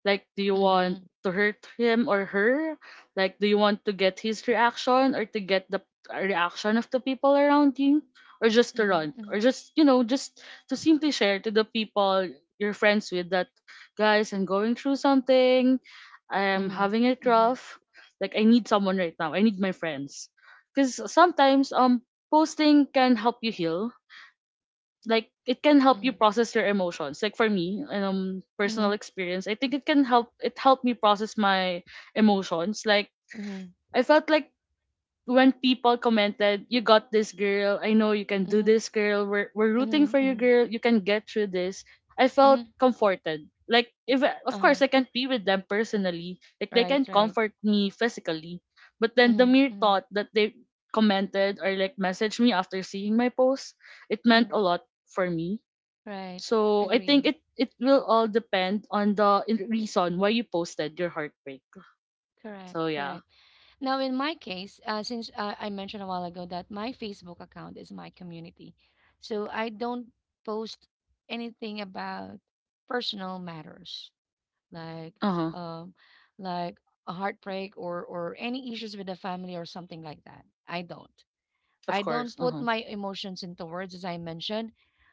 Like, do you mm-hmm, want to hurt him or her? Like, do you want to get his reaction or to get the uh, reaction of the people around you? Or just to run? mm-hmm, Or just, you know, just to simply share to the people you're friends with that, guys, I'm going through something. I'm mm-hmm, having it mm-hmm, rough. Like, I need someone right now. I need my friends. Because sometimes, um, posting can help you heal, like it can help you mm-hmm, process your emotions. Like for me, um mm-hmm, personal experience, I think it can help, it helped me process my emotions. Like mm-hmm, I felt like when people commented, "You got this, girl. I know you can mm-hmm, do mm-hmm, this, girl. We're, we're rooting for you, mm-hmm, girl. You can get through this." I felt mm-hmm, comforted. Like, if of uh-huh. course I can't be with them personally, like they Right, can right. comfort me physically, but then Mm-hmm, the mere mm-hmm, thought that they commented or like messaged me after seeing my post, it meant a mm-hmm. lot for me. Right. So I think Agree. it, it will all depend on the in- reason why you posted your heartbreak. Correct, So yeah. correct. Now, in my case, uh, since uh, I mentioned a while ago that my Facebook account is my community, so I don't post anything about personal matters like Uh huh. um, like a heartbreak or or any issues with the family or something like that. I don't. Of I course. don't Uh put huh. my emotions into words, as I mentioned.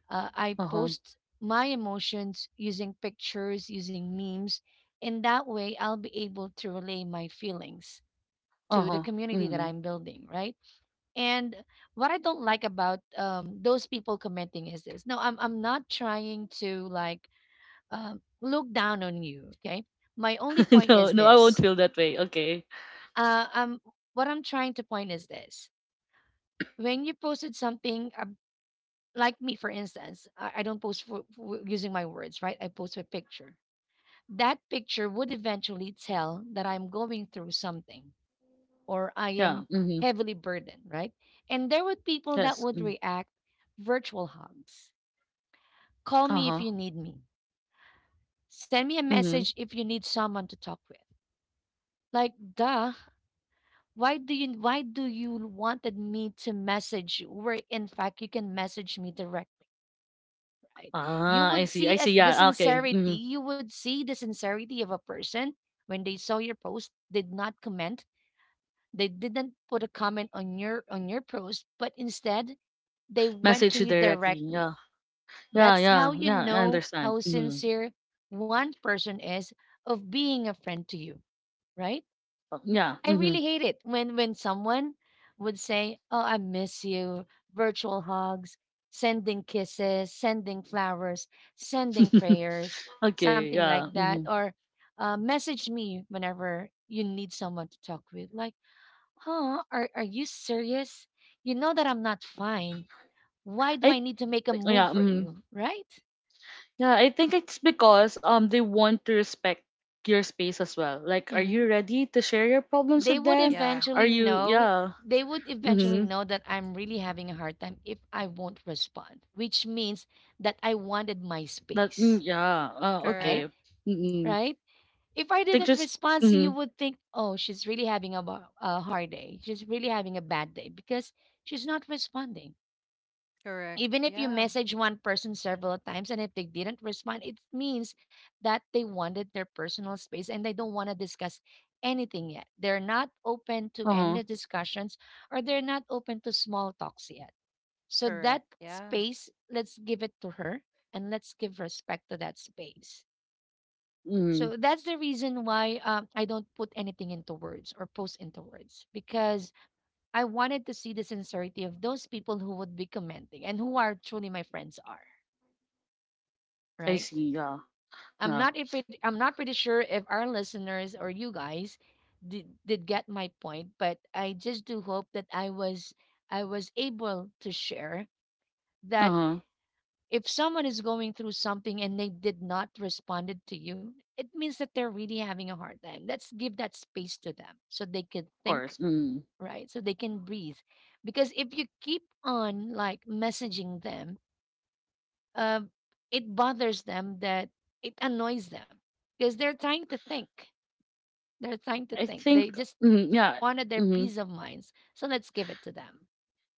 Uh, I Uh huh. post my emotions using pictures, using memes, in that way I'll be able to relay my feelings Uh to the huh. community that Mm-hmm. I'm building, right? And what I don't like about um, those people commenting is this. No, I'm I'm not trying to like um, look down on you. Okay, my only <laughs> point is No, no, I won't this. feel that way. Okay. Uh, um, what I'm trying to point is this. When you posted something uh, like me, for instance, I, I don't post for, for using my words, right? I post a picture. That picture would eventually tell that I'm going through something or I Yeah. am Mm-hmm. heavily burdened, right? And there would people that Yes. would Mm. react virtual hugs. Call Uh me if you huh. need me. Send me a Mm-hmm. message if you need someone to talk with. Like, duh. Why do you why do you wanted me to message you? Where in fact you can message me directly, right? You Ah, I would see. I see see. as the Yeah. Okay. sincerity, Mm-hmm. you would see the sincerity of a person when they saw your post, did not comment, they didn't put a comment on your on your post, but instead they went to Message you you directly. directly. Yeah. Yeah. That's how Yeah. you Yeah. I know understand. how Mm-hmm. sincere one person is of being a friend to you, right? Yeah. I Mm-hmm. really hate it when when someone would say, "Oh, I miss you." Virtual hugs, sending kisses, sending flowers, sending prayers, <laughs> Okay. something Yeah. like that, Mm-hmm. or uh, message me whenever you need someone to talk with. Like, huh? Are are you serious? You know that I'm not fine. Why do I I. need to make a Like, move yeah. for Mm. you, right? Yeah, I think it's because um they want to respect your space as well. Like, are you Mm-hmm. ready to share your problems they with would them? Yeah. Are eventually you know yeah. they would S- eventually Mm-hmm. know that I'm really having a hard time if I won't respond, which means that I wanted my That space. mm, yeah. Uh, right. Correct. okay. Mm-hmm. Right. If I Think didn't just respond, so you mm-hmm. would think, oh, she's really having a, ba- a hard day, she's really having a bad day because she's not responding. Correct. Even if you Yeah. message one person several times and if they didn't respond, it means that they wanted their personal space and they don't want to discuss anything yet. They're not open to end the Uh-huh. discussions or they're not open to small talks yet. So Correct. that Yeah. space, let's give it to her, and let's give respect to that space. Mm-hmm. So that's the reason why um, I don't put anything into words or post into words, because I wanted to see the sincerity of those people who would be commenting and who are truly my friends are. I Right? see, yeah. I'm Yeah. not, if it, I'm not pretty sure if our listeners or you guys did did get my point, but I just do hope that I was I was able to share that Uh-huh. if someone is going through something and they did not responded to you, it means that they're really having a hard time. Let's give that space to them so they can Of think, course. Mm. right? So they can breathe. Because if you keep on like messaging them, uh, it bothers them, that it annoys them, because they're trying to think. They're I trying to think. think They just mm, yeah. wanted their Mm-hmm. peace of minds. So let's give it to them.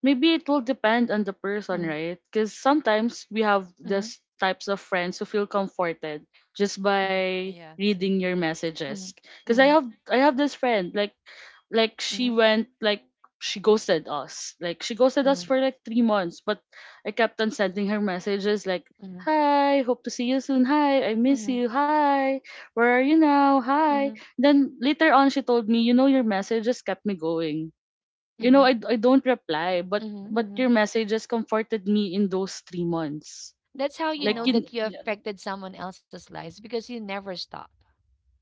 Maybe it will depend on the person, Mhm, right? Because sometimes we have mhm, this types of friends who feel comforted just mhm, by Yes. reading your messages. mhm, Because I have I have this friend, like like she mhm, went like she ghosted us, like she ghosted us mhm, for like three months, but I kept on sending her messages like. mhm, Hi, hope to see you soon. Hi, I miss mhm, you. Hi, where are you now? mhm, Hi. mhm, Then later on, she told me, you know, your messages kept me going. You know, mhm, I I don't reply, but mhm, but your mhm. messages comforted me in those three months. That's how you Like know Wow. you, that you yeah, affected someone else's lives, because you never stop,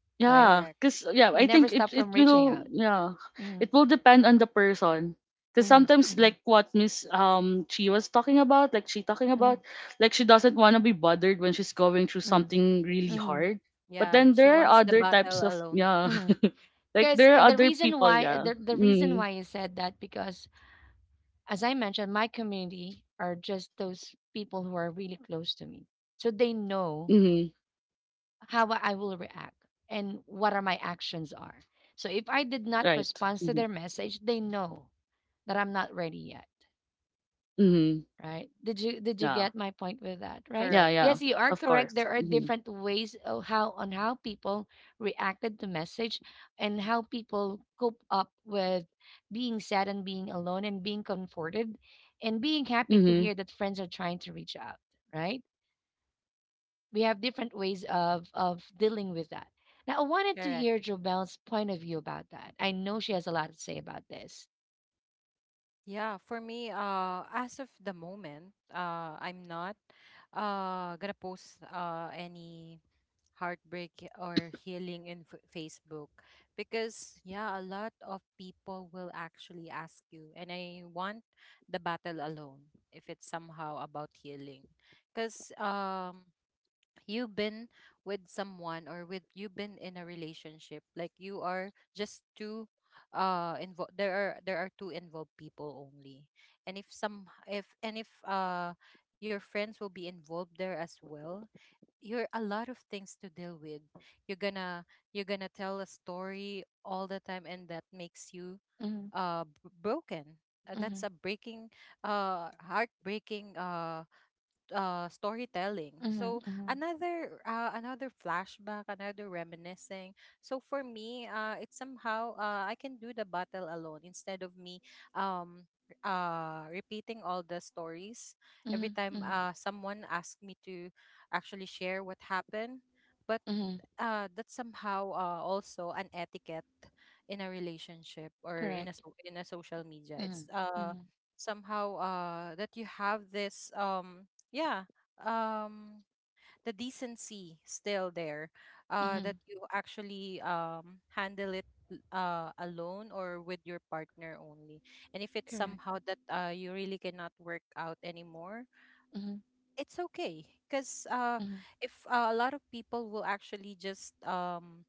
right? Correct. yeah, cause You yeah, I never think stop it from it reaching out. will yeah, Mm-hmm, it will depend on the person. Cause mm-hmm, sometimes mm-hmm, like what Miss um she was talking about, like she talking mm-hmm, about, like she doesn't want to be bothered when she's going through mm-hmm, something really hard. But Yeah. then She there are wants the other battle types of alone. yeah, mm-hmm, <laughs> like because there are the other reason people why yeah. the, the reason Mm, why I said that, because as I mentioned, my community are just those people who are really close to me, so they know mm-hmm, how I will react and what are my actions are. So if I did not right. respond to Mm-hmm, their message, they know that I'm not ready yet. mm-hmm, Right. Did you did you yeah. get my point with that, Correct. right? Yeah, yeah. Yes, you are Of correct. course. There are Mhm. different ways of how on how people reacted to message and how people cope up with being sad and being alone and being comforted and being happy to Mhm. hear that friends are trying to reach out, right? We have different ways of of dealing with that. Now, I wanted to Correct. hear Jobel's point of view about that. I know she has a lot to say about this. Yeah, for me, uh, as of the moment, uh, I'm not uh gonna post uh any heartbreak or healing in F- Facebook because yeah, a lot of people will actually ask you, and I want the battle alone if it's somehow about healing, because um you've been with someone, or with, you've been in a relationship, like, you are just two uh involved, there are, there are two involved people only. And if some, if, and if uh your friends will be involved there as well, you're a lot of things to deal with, you're gonna you're gonna tell a story all the time, and that makes you Mm-hmm, uh b- broken. Uh, that's mm-hmm, a breaking uh heartbreaking uh uh storytelling, so mm-hmm, mm-hmm, another, uh, another flashback, another reminiscing. So for me, uh it's somehow, uh I can do the battle alone instead of me um uh repeating all the stories every time mm-hmm, uh someone asks me to actually share what happened. But mm-hmm. uh that's somehow, uh also an etiquette in a relationship or in a, Correct. so in a social media, it's Mhm, uh mhm, somehow uh that you have this um yeah, um, the decency still there, uh that mhm. you actually um handle it l- uh alone or with your partner only. And if it's Correct. somehow that uh you really cannot work out anymore, Mhm, it's okay because uh mhm, if, uh, a lot of people will actually just um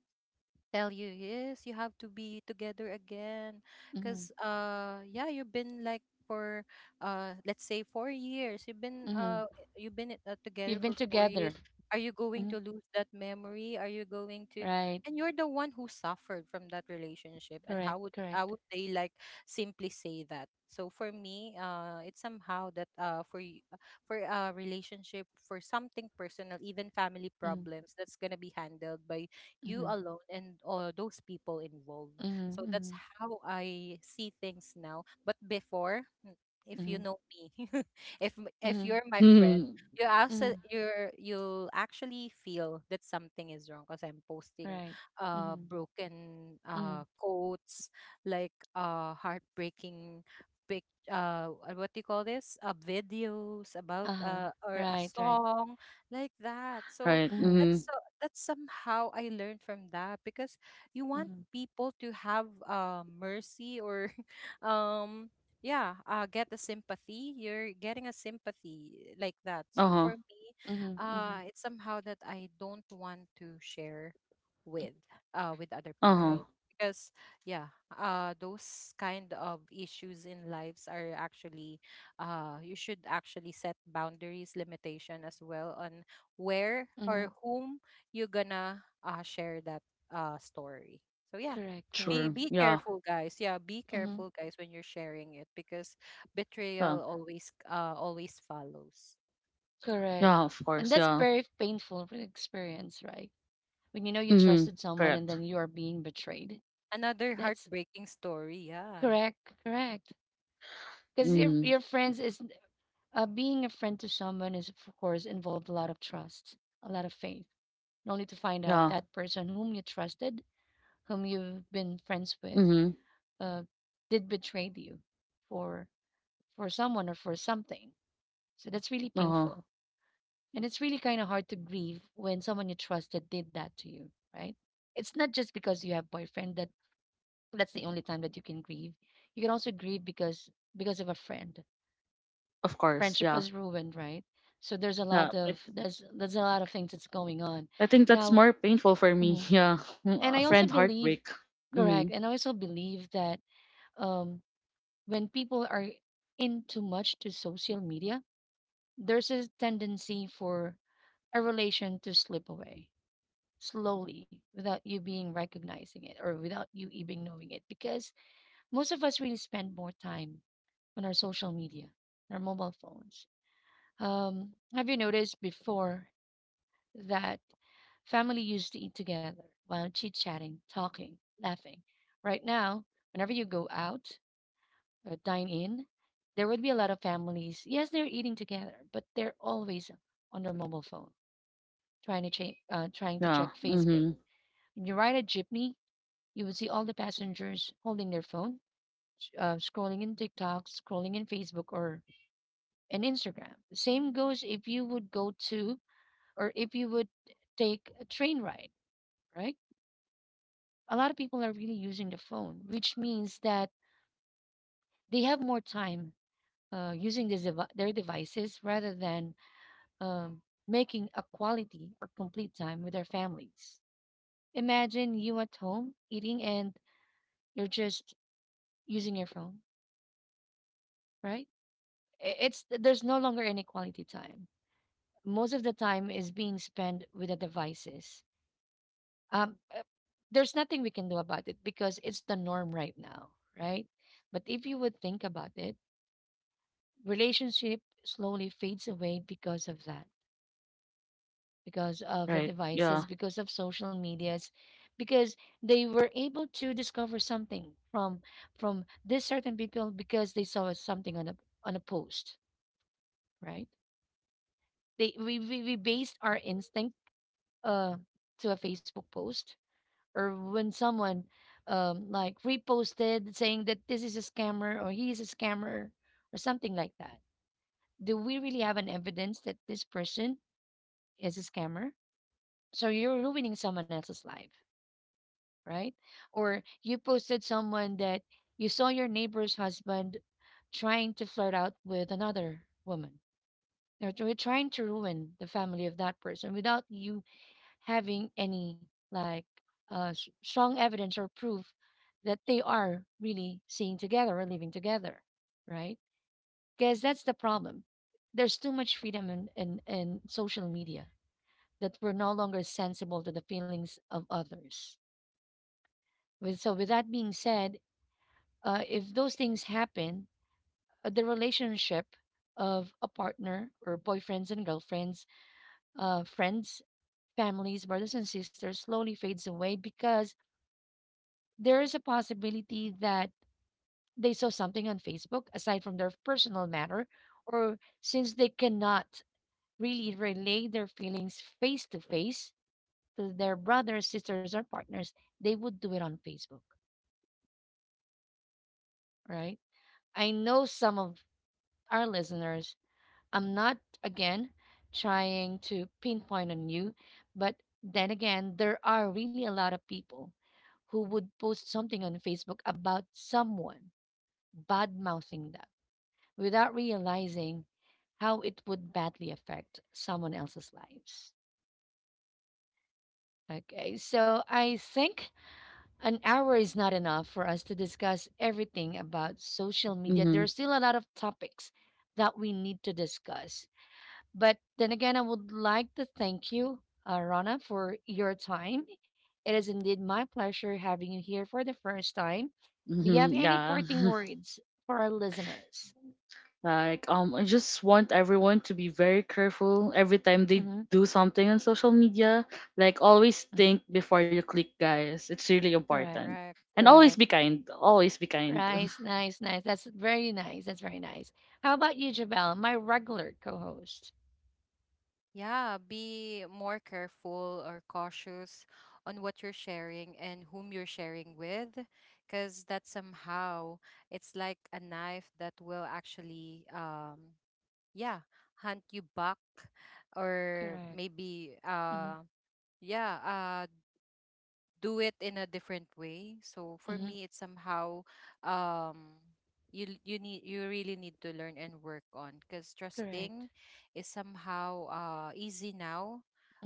tell you yes, you have to be together again, mhm, because uh yeah, you've been like for uh let's say four years, you've been mhm. uh you've been, uh, together You've been for four years. together. Are you going Mhm. to lose that memory? Are you going to, Right. and you're the one who suffered from that relationship, and Correct. how would, how Correct. would they like simply say that? So for me, uh it's somehow that, uh for y- uh, for a relationship, for something personal, even family Mhm, problems, that's gonna be handled by you mhm, alone, and, uh, those people involved. mhm, So that's mhm, how I see things now. But before, mm, if mhm, you know me, <laughs> if m- if mhm, you're my friend, Mhm. you mhm. also, you're, you'll actually feel that something is wrong because I'm posting Right. uh Mhm, broken mhm. uh quotes, like uh heartbreaking pic, uh uh, what do you call this, uh videos about, Uh-huh. uh or a Right. Right. song like that. So Right. Mhm, Mhm. that's so, that's somehow I learned from that, because you want mhm, people to have, uh, mercy, or <laughs> um, yeah, uh get a sympathy, you're getting a sympathy like that. So Uh-huh. for me, mhm, mhm. uh it's somehow that I don't want to share with uh with other Uh-huh. Right. people because yeah, uh those kind of issues in lives are actually, uh you should actually set boundaries, limitation as well, on where Mhm. or whom you gonna, uh, share that, uh, story. So yeah, Correct. Correct. be Sure. be Yeah. careful, guys. Yeah, be Mhm. careful, guys, when you're sharing it, because Yeah. betrayal always, uh, always follows. Correct. Yeah, of And course. that's Yeah. very painful for the experience, right? When you know you Mhm. trusted someone and Correct. then you are being betrayed. Another That's heartbreaking story. Yeah, correct. Correct, because your Mm. your friends is, uh, being a friend to someone is, of course, involved a lot of trust, a lot of faith, and only to find out Yeah. that person whom you trusted, whom you've been friends with, Mhm. uh, did betray you for for someone or for something. So that's really Uh-huh. painful, and it's really kind of hard to grieve when someone you trusted did that to you, right? It's not just because you have boyfriend that that's the only time that you can grieve. You can also grieve because because of a friend Of course. friendship Yeah. was ruined, right? So there's a Yeah. lot I, of there's there's a lot of things that's going on I think that's now. more painful for me. Mhm. <laughs> Yeah. And Mm, I a also friend believe, heartbreak. correct, Mhm. and I also believe that, um, when people are in too much to social media, there's a tendency for a relation to slip away slowly without you being recognizing it or without you even knowing it, because most of us really spend more time on our social media, on our mobile phones. Um, have you noticed before that family used to eat together while chit chatting, talking, laughing. Right now, whenever you go out, uh, dine in, there would be a lot of families. Yes, they're eating together, but they're always on their mobile phone, trying to check, uh, trying to Yeah. check Facebook. Mhm. When you ride a jeepney, you would see all the passengers holding their phone, uh, scrolling in TikTok, scrolling in Facebook or in Instagram. The same goes if you would go to or if you would take a train ride, right? A lot of people are really using the phone, which means that they have more time uh, using this devi- their devices rather than, um, making a quality or complete time with their families. Imagine you at home eating and you're just using your phone, right? I- It's there's no longer any quality time. Most of the time is being spent with the devices. Um, uh, there's nothing we can do about it because it's the norm right now, right? But if you would think about it, relationship slowly fades away because of that, because of the Right. Yeah. devices, because of social medias, because they were able to discover something from from this certain people because they saw something on a on a post, right? They we we, we based our instinct, uh to a Facebook post, or when someone, um like reposted saying that this is a scammer or he is a scammer or something like that. Do we really have an evidence that this person is a scammer? So you're ruining someone else's life, right? Or you posted someone that you saw your neighbor's husband trying to flirt out with another woman, or tr- trying to ruin the family of that person without you having any like, uh, s- strong evidence or proof that they are really seeing together or living together, right? Because that's the problem, there's too much freedom in, in, in social media that we're no longer sensible to the feelings of others. With, so, with that being said, uh, if those things happen, uh, the relationship of a partner or boyfriends and girlfriends, uh, friends, families, brothers and sisters slowly fades away because there is a possibility that they saw something on Facebook aside from their personal matter, or since they cannot really relay their feelings face to face to their brothers, sisters, or partners, they would do it on Facebook, right? I know some of our listeners, I'm not, again, trying to pinpoint on you, but then again, there are really a lot of people who would post something on Facebook about someone bad mouthing them without realizing how it would badly affect someone else's lives. Okay, so I think an hour is not enough for us to discuss everything about social media. Mhm. There's still a lot of topics that we need to discuss. But then again, I would like to thank you, uh, Rana, for your time. It is indeed my pleasure having you here for the first time. Do you have Mhm. any Yeah. parting <laughs> words for our listeners? Like, um, I just want everyone to be very careful every time they Hmm. do something on social media. Like, always think before you click, guys. It's really Correct. important. correct. And always Correct. be kind. Always be kind. Nice, <laughs> nice, nice. That's very nice. That's very nice. How about you, Javel, my regular co host? Yeah, be more careful or cautious on what you're sharing and whom you're sharing with, because that somehow it's like a knife that will actually um yeah, hunt you back, or Correct. maybe uh Hmm. yeah, uh do it in a different way. So for me Hmm. it's somehow um you l- you need, you really need to learn and work on, because trusting Correct. is somehow, uh easy now,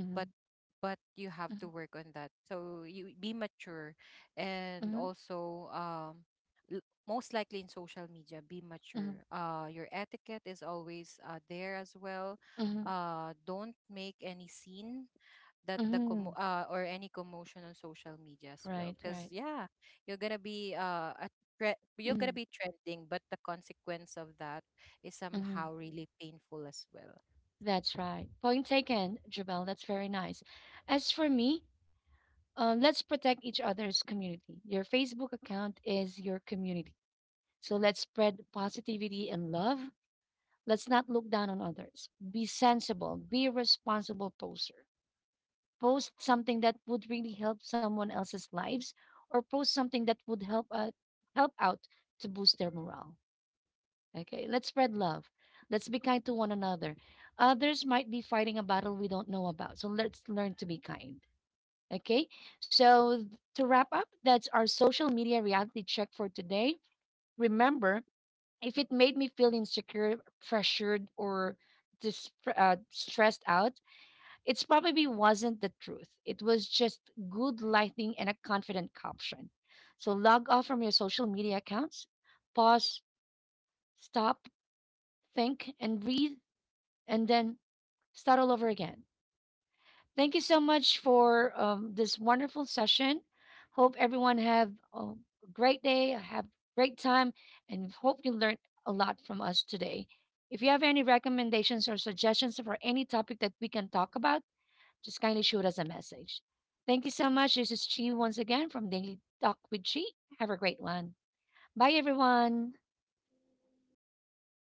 but but you have to work on that, so you be mature. And Hmm. also, um l- most likely in social media, be mature, Hmm. uh your etiquette is always uh, there as well. Hmm. Uh, don't make any scene that the commo- Hmm. uh, or any commotion on social media as well, Right, because right. yeah, you're gonna be, uh a, tre- you're gonna Hmm. be trending, but the consequence of that is somehow Hmm. really painful as well. That's right. Point taken, Jabel. That's very nice. As for me, uh, let's protect each other's community. Your Facebook account is your community. So let's spread positivity and love. Let's not look down on others. Be sensible. Be a responsible poster. Post something that would really help someone else's lives or post something that would help uh, help out to boost their morale. Okay, let's spread love. Let's be kind to one another. Others might be fighting a battle we don't know about. So let's learn to be kind. Okay, so th- to wrap up, that's our social media reality check for today. Remember, if it made me feel insecure, pressured, or dis- uh, stressed out, it's probably wasn't the truth. It was just good lighting and a confident caption. So log off from your social media accounts, pause, stop, think, and breathe and then start all over again. Thank you so much for, um, this wonderful session. Hope everyone have a great day, have great time, and hope you learned a lot from us today. If you have any recommendations or suggestions for any topic that we can talk about, just kindly shoot us a message. Thank you so much. This is Chi once again from Daily Talk with Chi. Have a great one. Bye, everyone. Bye.